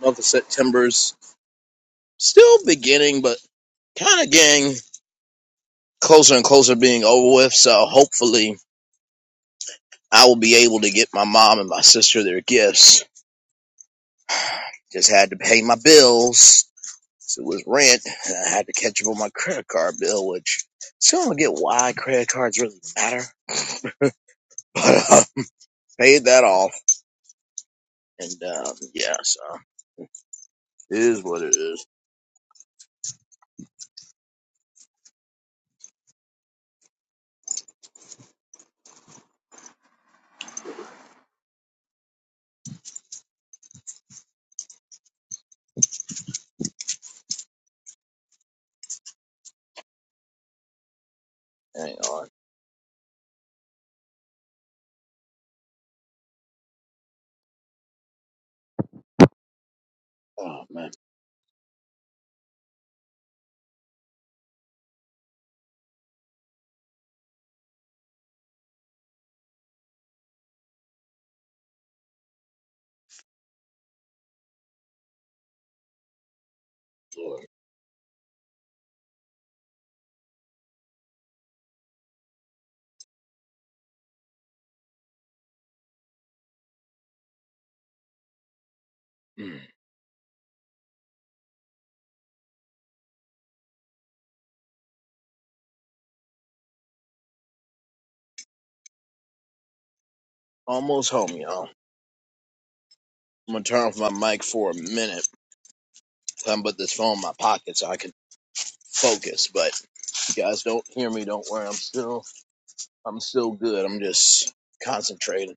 A: month of September's still beginning, but kind of getting closer and closer being over with. So hopefully I will be able to get my mom and my sister their gifts. Just had to pay my bills. So it was rent, and I had to catch up on my credit card bill, which still don't get why credit cards really matter, but uh, paid that off. And um, yeah, so it is what it is. Hang on. Oh, man. Lord. Mm. Almost home, y'all. I'm going to turn off my mic for a minute. I'm put this phone in my pocket so I can focus. But if you guys don't hear me, don't worry. I'm still, I'm still good. I'm just concentrating.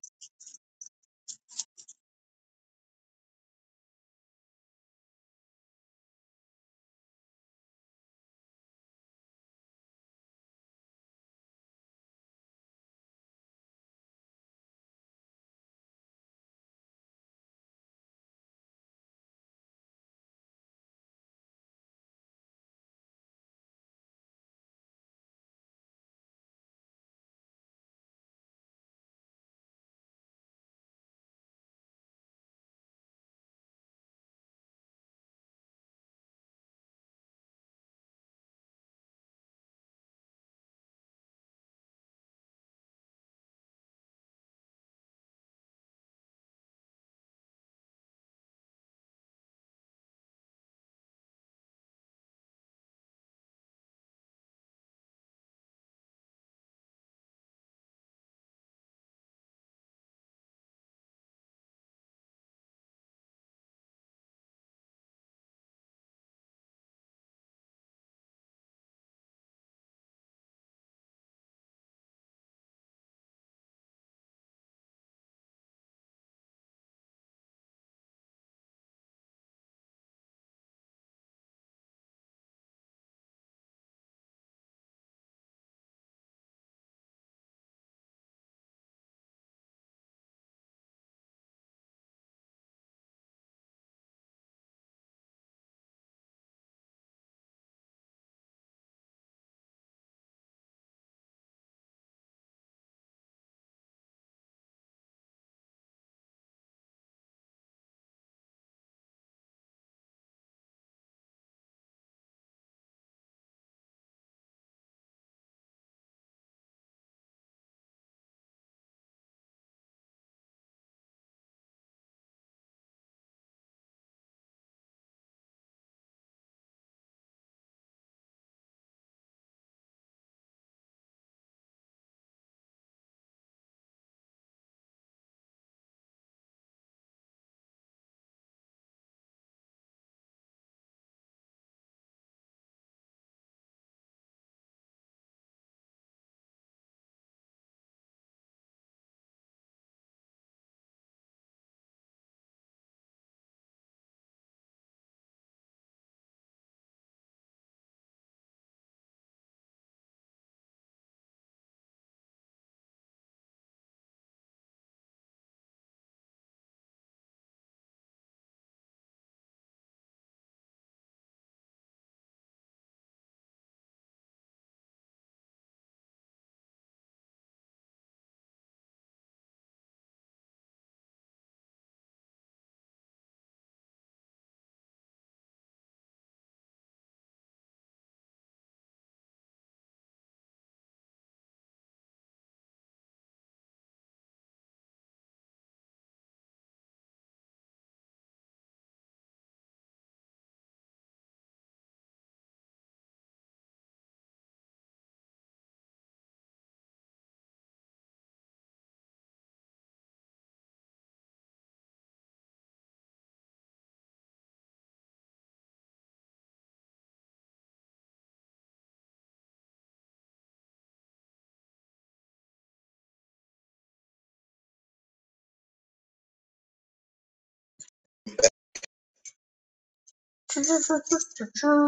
A: True,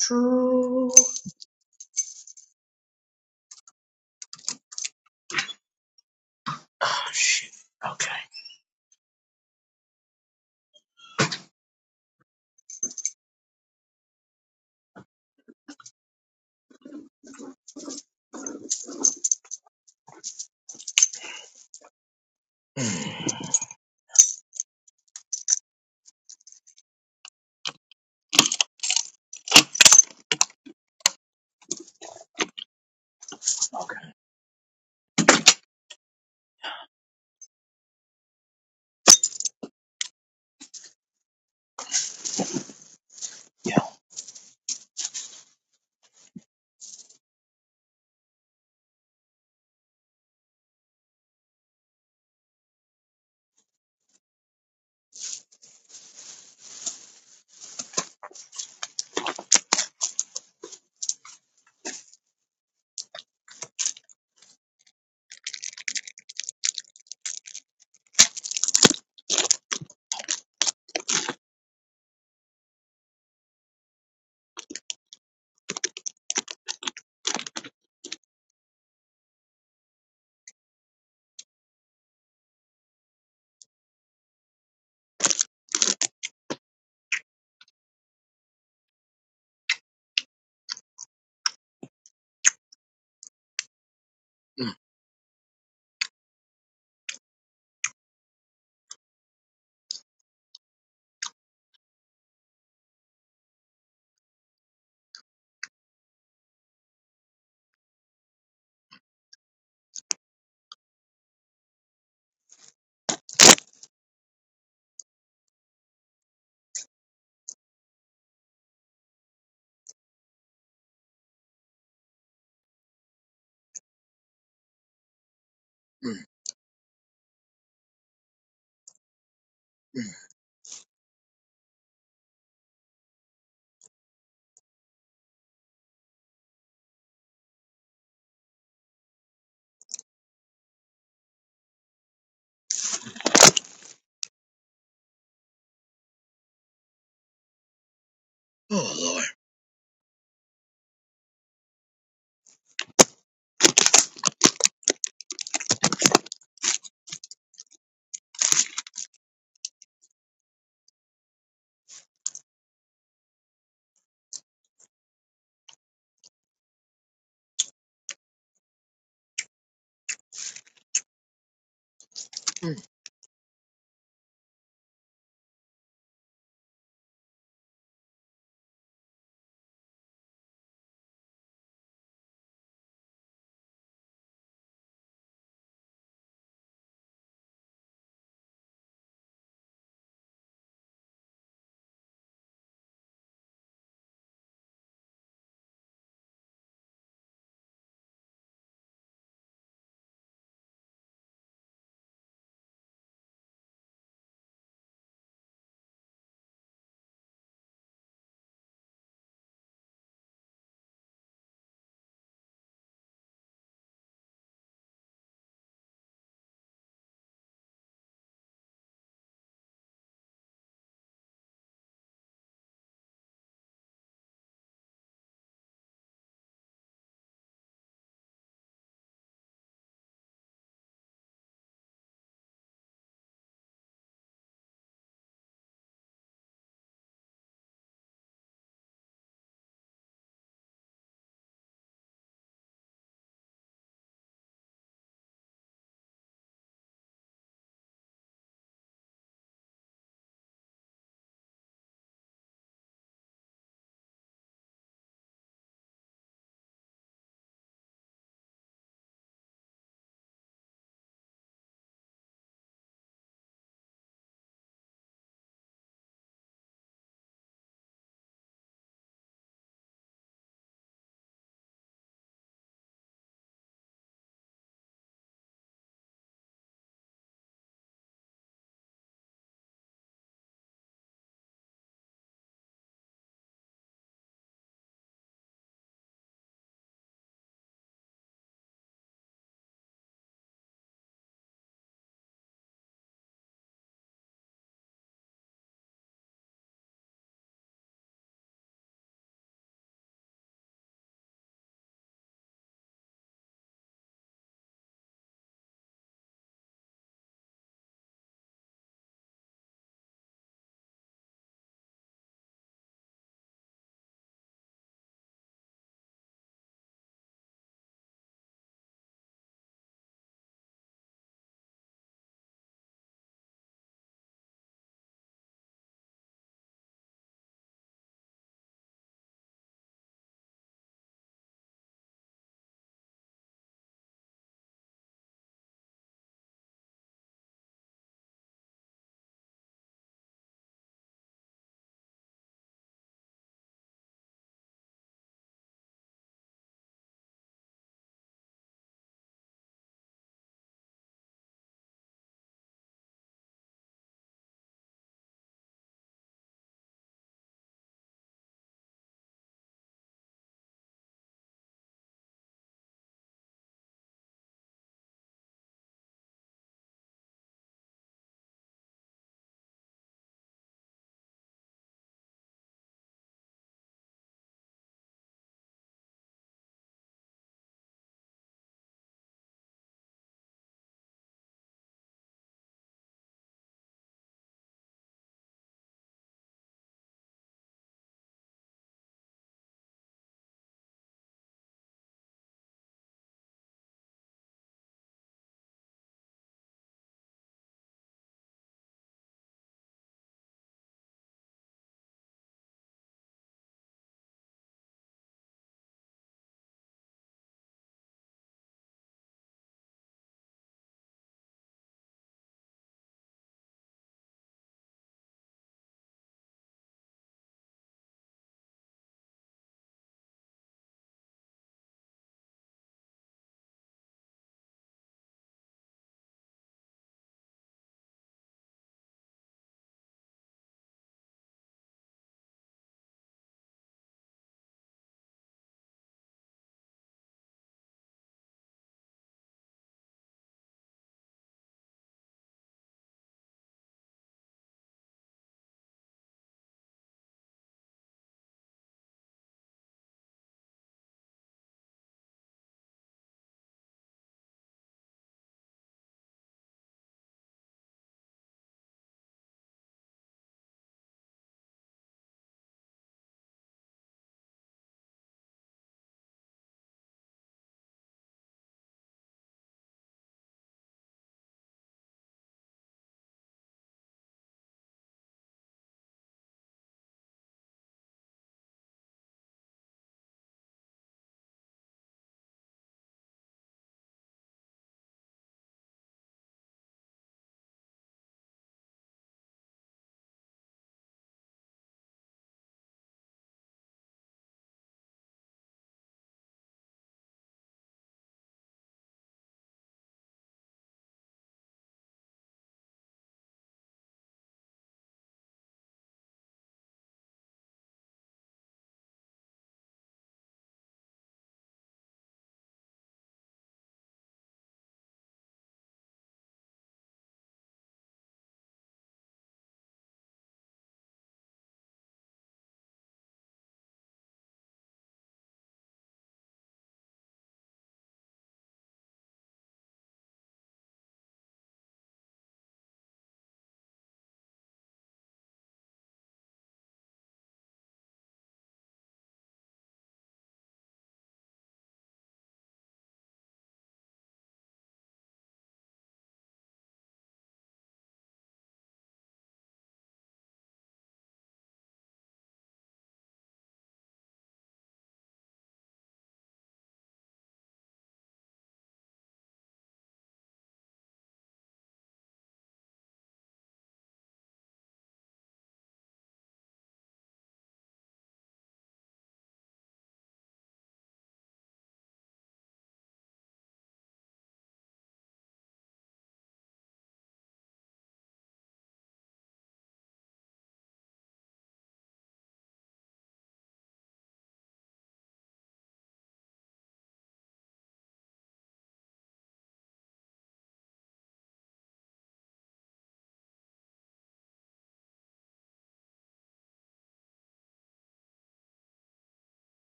A: true. Oh, shit. Okay. Okay. Yeah. Mm, mm, mm. Oh, Lord. Mm.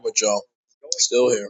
A: with y'all. Still here.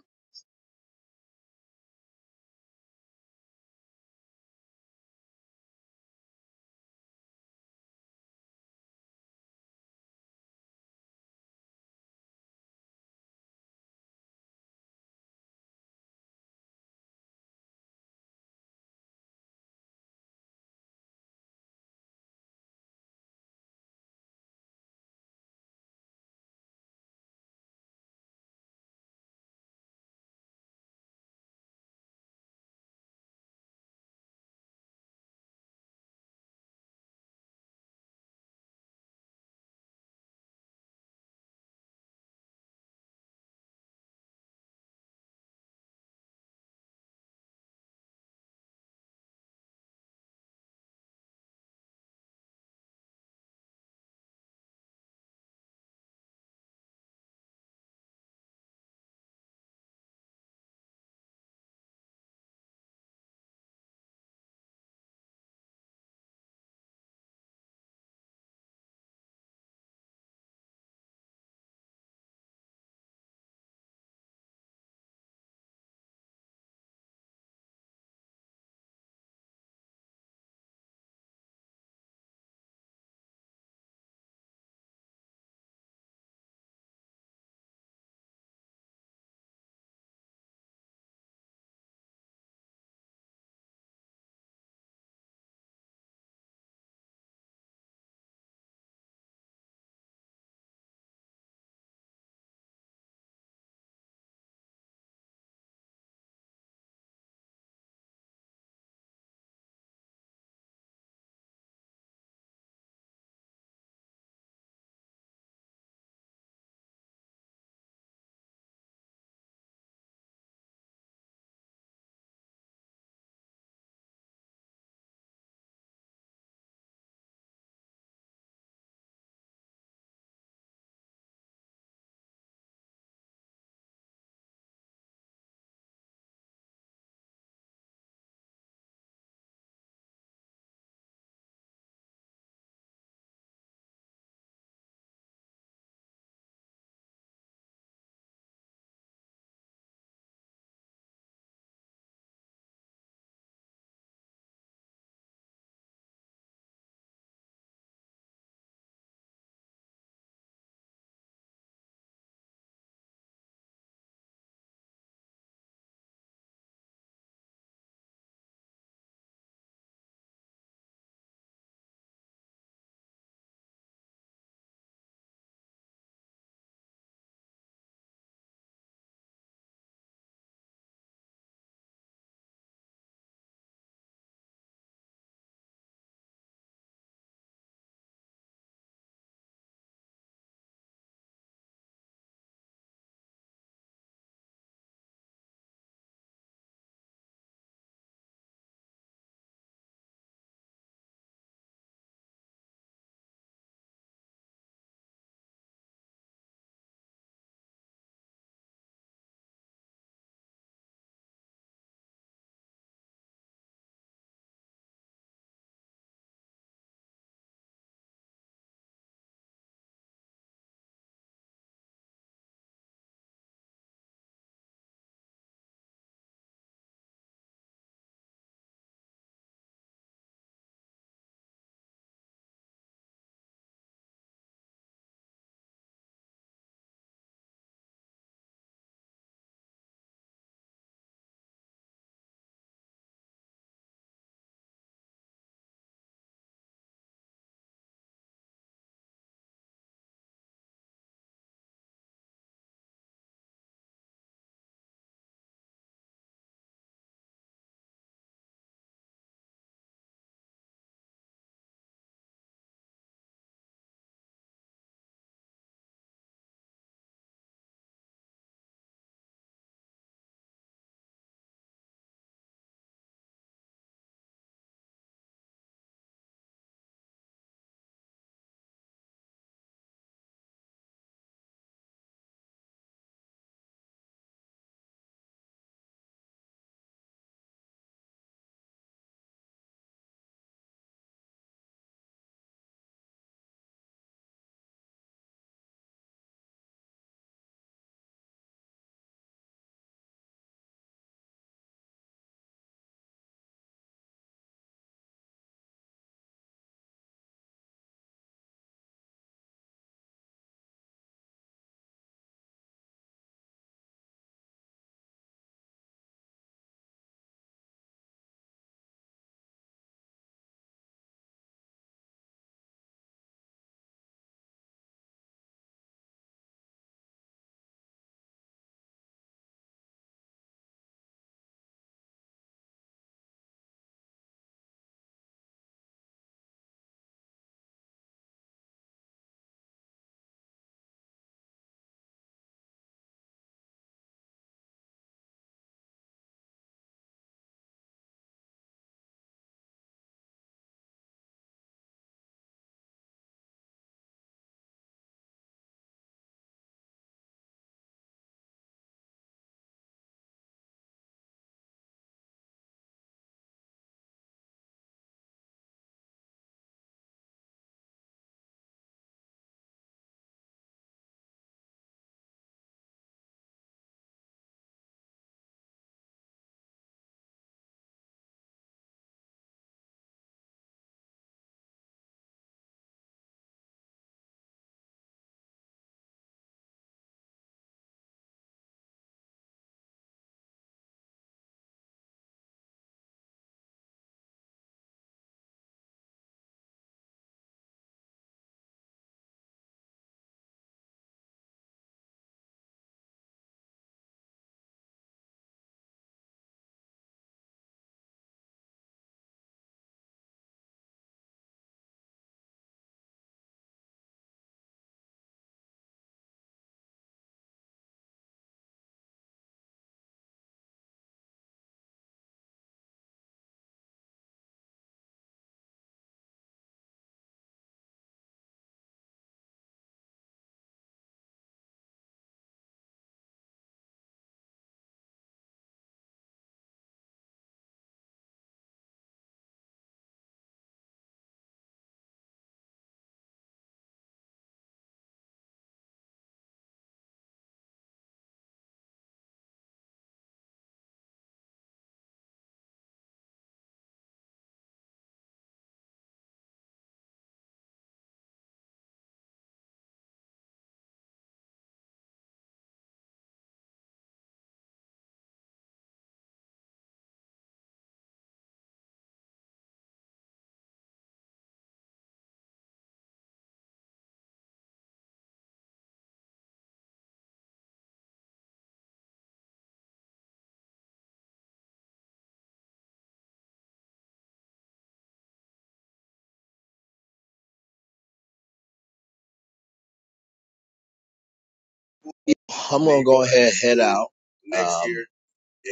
A: I'm gonna go ahead head out. Um,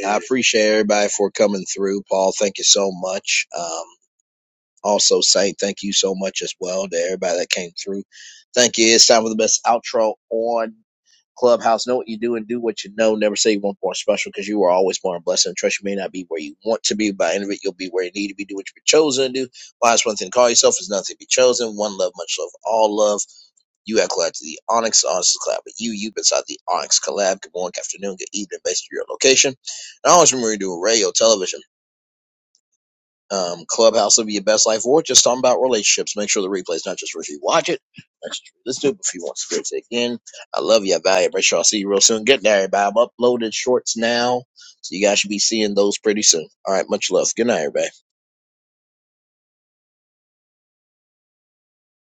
A: I appreciate everybody for coming through. Paul, thank you so much. Um, also, Saint, thank you so much as well to everybody that came through. Thank you. It's time for the best outro on Clubhouse. Know what you do and do what you know. Never say you want more special because you are always born a blessing. Trust you may not be where you want to be, but at the end of it, you'll be where you need to be. Do what you've been chosen to do. Why is one thing to call yourself is nothing to be chosen. One love, much love, all love. You have collabed to the Onyx. Onyx collab, collabed with you. You've been inside the Onyx collab. Good morning, good afternoon, good evening, based on your location. And always remember to do a radio, television, um, clubhouse will be your best life, or just talking about relationships. Make sure the replay is not just for if you watch it, not just for this dude, but if you want to experience it again. I love you. I value it. Make sure I'll see you real soon. Get there, everybody. I've uploaded shorts now, so you guys should be seeing those pretty soon. All right, much love. Good night, everybody.